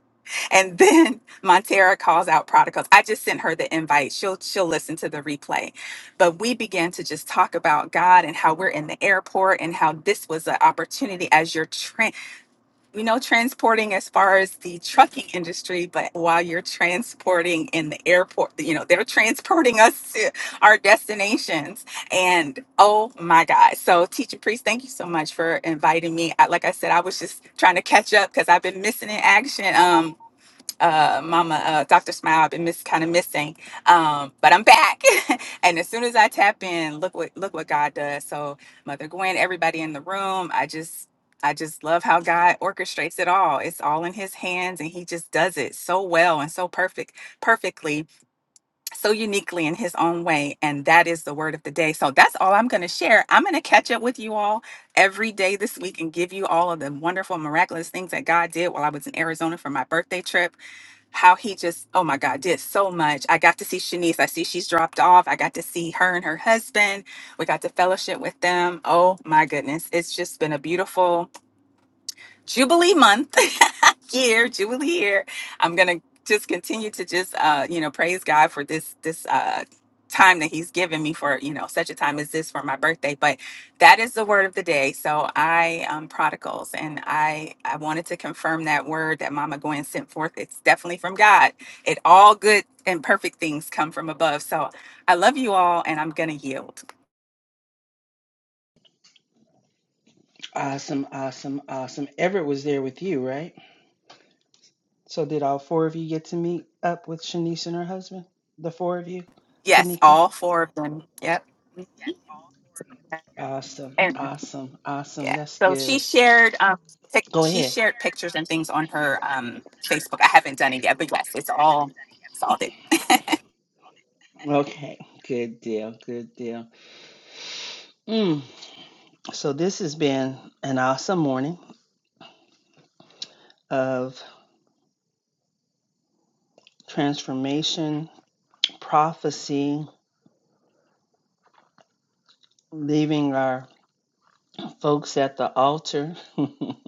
[SPEAKER 8] And then Montera calls out prodigals. I just sent her the invite. She'll she'll listen to the replay. But we began to just talk about God and how we're in the airport and how this was an opportunity as your we know transporting as far as the trucking industry, but while you're transporting in the airport, you know, they're transporting us to our destinations. And oh my God. So, Teacher Priest, thank you so much for inviting me. I, like I said, I was just trying to catch up because I've been missing in action. Um, uh, Mama uh, Dr. Smile. I've been miss kind of missing, um, but I'm back. (laughs) and as soon as I tap in, look what look what God does. So Mother Gwen, everybody in the room, I just I just love how God orchestrates it all. It's all in His hands, and He just does it so well and so perfect, perfectly, so uniquely in His own way. And that is the word of the day. So that's all I'm going to share. I'm going to catch up with you all every day this week and give you all of the wonderful, miraculous things that God did while I was in Arizona for my birthday trip how he just, oh my God, did so much. I got to see Shanice. I see she's dropped off. I got to see her and her husband. We got to fellowship with them. Oh my goodness. It's just been a beautiful Jubilee month (laughs) year, Jubilee year. I'm gonna just continue to just uh, you know praise God for this this uh time that He's given me for you know such a time as this for my birthday. But that is the word of the day. So I am prodigals, and I I wanted to confirm that word that Mama Gwen sent forth. It's definitely from God. It all good and perfect things come from above. So I love you all, and I'm gonna yield.
[SPEAKER 1] Awesome, awesome, awesome. Everett was there with you, right? So, did all four of you get to meet up with Shanice and her husband? The four of you?
[SPEAKER 8] Yes,
[SPEAKER 1] Tanika?
[SPEAKER 8] all four of them. Yep.
[SPEAKER 1] Awesome, awesome, awesome.
[SPEAKER 8] Yeah.
[SPEAKER 1] That's
[SPEAKER 8] So
[SPEAKER 1] good.
[SPEAKER 8] she shared um pic-
[SPEAKER 1] Go
[SPEAKER 8] she
[SPEAKER 1] ahead.
[SPEAKER 8] shared pictures and things on her um Facebook. I haven't done it yet, but yes, it's all it's all there.
[SPEAKER 1] Okay. Good deal. Good deal. Mm. So, this has been an awesome morning of transformation, prophecy, leaving our folks at the altar. (laughs) I'm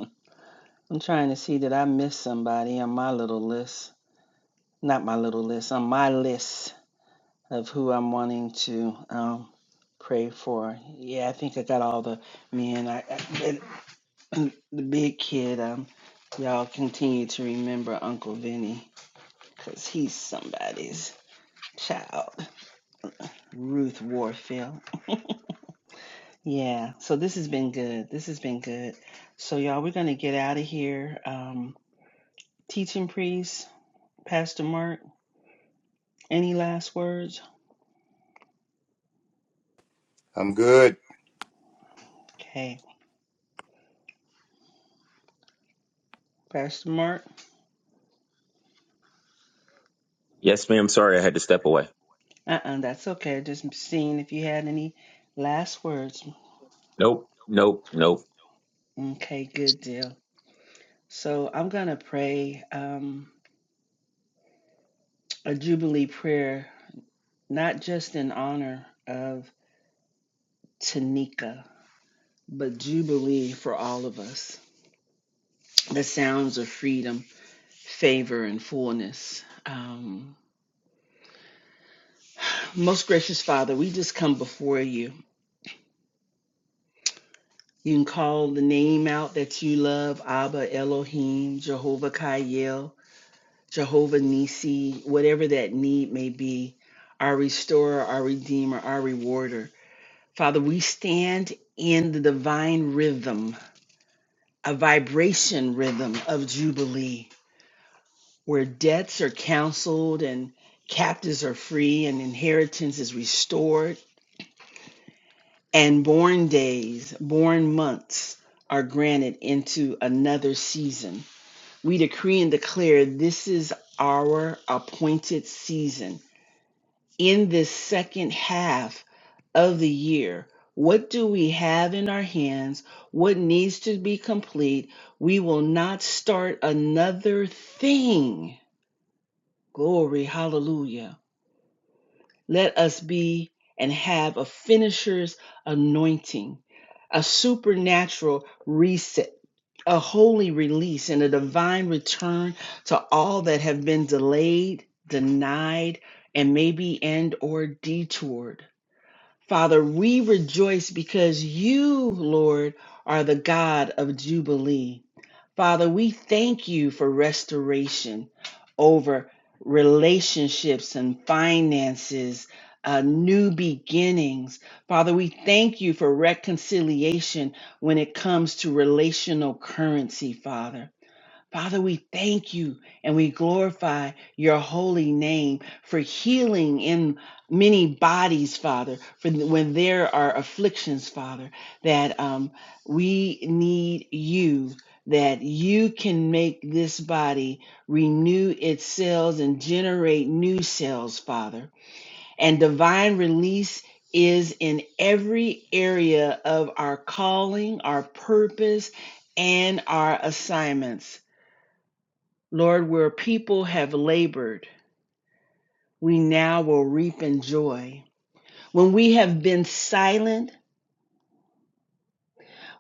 [SPEAKER 1] trying to see that I missed somebody on my little list. Not my little list, on my list of who I'm wanting to um, pray for. Yeah, I think I got all the men. I, I, the big kid. Um, y'all continue to remember Uncle Vinny, cause he's somebody's child. Ruth Warfield. Yeah. So this has been good. This has been good. So y'all, we're gonna get out of here. Um, teaching priest, Pastor Mark. Any last words?
[SPEAKER 7] I'm good.
[SPEAKER 1] Okay, Pastor Mark.
[SPEAKER 6] Yes, ma'am. Sorry, I had to step away.
[SPEAKER 1] Uh, uh that's okay. Just seeing if you had any last words.
[SPEAKER 6] Nope, nope, nope.
[SPEAKER 1] Okay, good deal. So I'm gonna pray um, a jubilee prayer not just in honor of Tanika, but Jubilee for all of us. The sounds of freedom, favor, and fullness. Um, most gracious Father, we just come before you. You can call the name out that you love Abba, Elohim, Jehovah Kayel, Jehovah Nisi, whatever that need may be, our restorer, our redeemer, our rewarder. Father, we stand in the divine rhythm a vibration rhythm of Jubilee where debts are canceled and captives are free and inheritance is restored and born days, born months are granted into another season. We decree and declare this is our appointed season. In this second half, of the year. What do we have in our hands? What needs to be complete? We will not start another thing. Glory, hallelujah. Let us be and have a finisher's anointing, a supernatural reset, a holy release, and a divine return to all that have been delayed, denied, and maybe and or detoured. Father, we rejoice because you, Lord, are the God of Jubilee. Father, we thank you for restoration over relationships and finances, uh, new beginnings. Father, we thank you for reconciliation when it comes to relational currency, Father. Father, we thank you and we glorify your holy name for healing in many bodies, Father, for when there are afflictions, Father, that um, we need you, that you can make this body renew its cells and generate new cells, Father. And divine release is in every area of our calling, our purpose, and our assignments. Lord, where people have labored, we now will reap in joy. When we have been silent,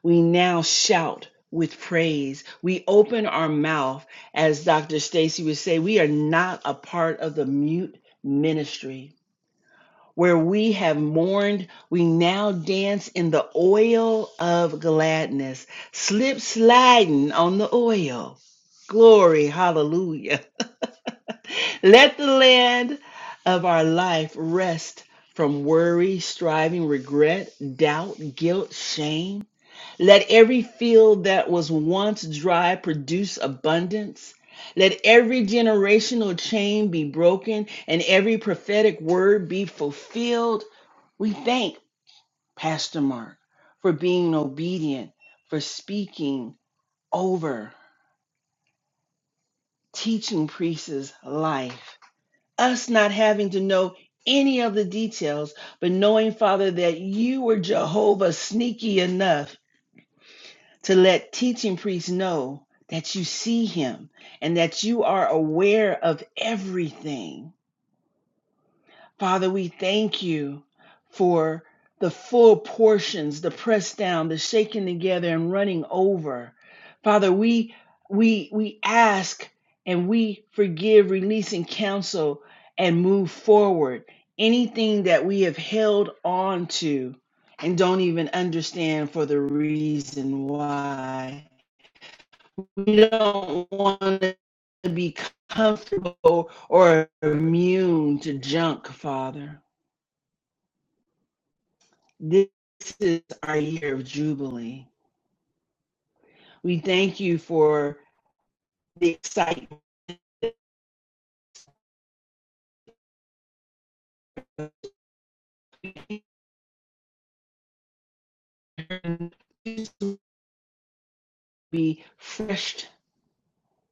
[SPEAKER 1] we now shout with praise. We open our mouth, as Dr. Stacy would say, we are not a part of the mute ministry. Where we have mourned, we now dance in the oil of gladness, slip sliding on the oil. Glory, hallelujah. Let the land of our life rest from worry, striving, regret, doubt, guilt, shame. Let every field that was once dry produce abundance. Let every generational chain be broken and every prophetic word be fulfilled. We thank Pastor Mark for being obedient, for speaking over, teaching priests life. us not having to know any of the details, but knowing, Father, that you were Jehovah sneaky enough to let teaching priests know that you see him and that you are aware of everything. Father, we thank you for the full portions, the pressed down, the shaken together and running over. Father, we we we ask and we forgive, releasing counsel and move forward. Anything that we have held on to and don't even understand for the reason why. We don't want to be comfortable or immune to junk, Father. This is our year of Jubilee. We thank you for the excitement to be refreshed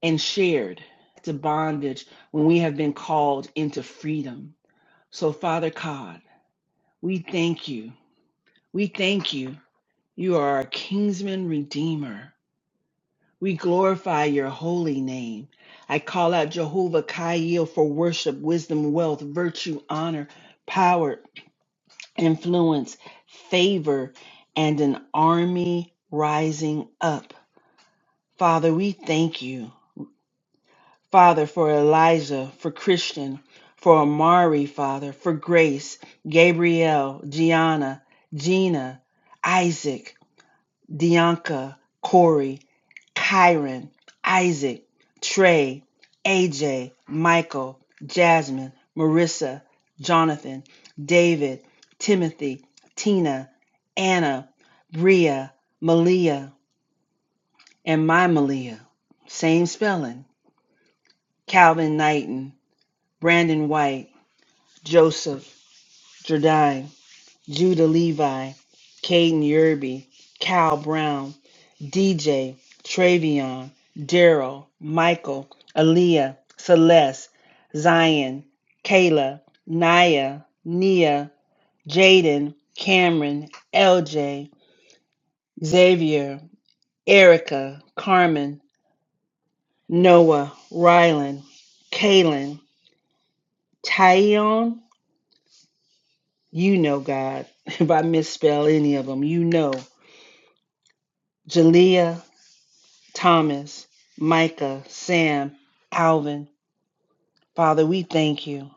[SPEAKER 1] and shared to bondage when we have been called into freedom. So, Father God, we thank you. We thank you. You are our kinsman redeemer. We glorify your holy name. I call out Jehovah Kaiel for worship, wisdom, wealth, virtue, honor, power, influence, favor, and an army rising up. Father, we thank you, Father, for Elijah, for Christian, for Amari, Father, for Grace, Gabrielle, Gianna, Gina, Isaac. Dianca, Corey, Kyron, Isaac, Trey, AJ, Michael, Jasmine, Marissa, Jonathan, David, Timothy, Tina, Anna, Bria, Malia, and my Malia. Same spelling. Calvin Knighton, Brandon White, Joseph, Jardine. Judah Levi, Caden Yerby, Cal Brown, DJ, Travion, Daryl, Michael, Aaliyah, Celeste, Zion, Kayla, Naya, Nia, Jaden, Cameron, LJ, Xavier, Erica, Carmen, Noah, Rylan, Kaylin, Tyon, you know God. (laughs) If I misspell any of them, you know. Jalea, Thomas, Micah, Sam, Alvin. Father, we thank you.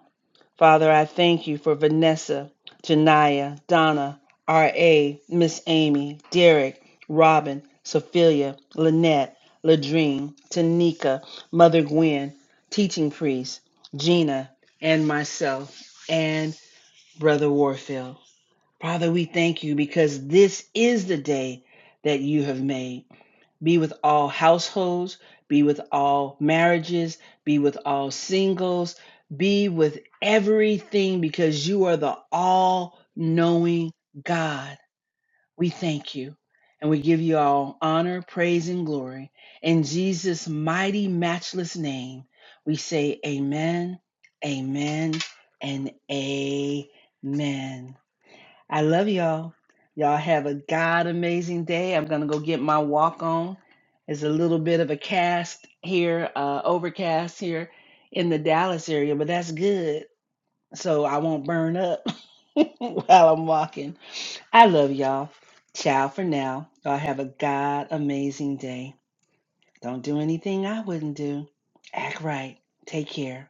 [SPEAKER 1] Father, I thank you for Vanessa, Janaya, Donna, R.A., Miss Amy, Derek, Robin, Sophia, Lynette, Ladrine, Tanika, Mother Gwen, teaching priest, Gina, and myself, and Brother Warfield. Father, we thank you because this is the day that you have made. Be with all households, be with all marriages, be with all singles, be with everything because you are the all knowing God. We thank you and we give you all honor, praise, and glory. In Jesus' mighty, matchless name, we say amen, amen, and amen. I love y'all. Y'all have a God amazing day. I'm going to go get my walk on. It's a little bit of a cast here, uh, overcast here in the Dallas area, but that's good. So I won't burn up (laughs) while I'm walking. I love y'all. Ciao. Y'all have a God amazing day. Don't do anything I wouldn't do. Act right. Take care.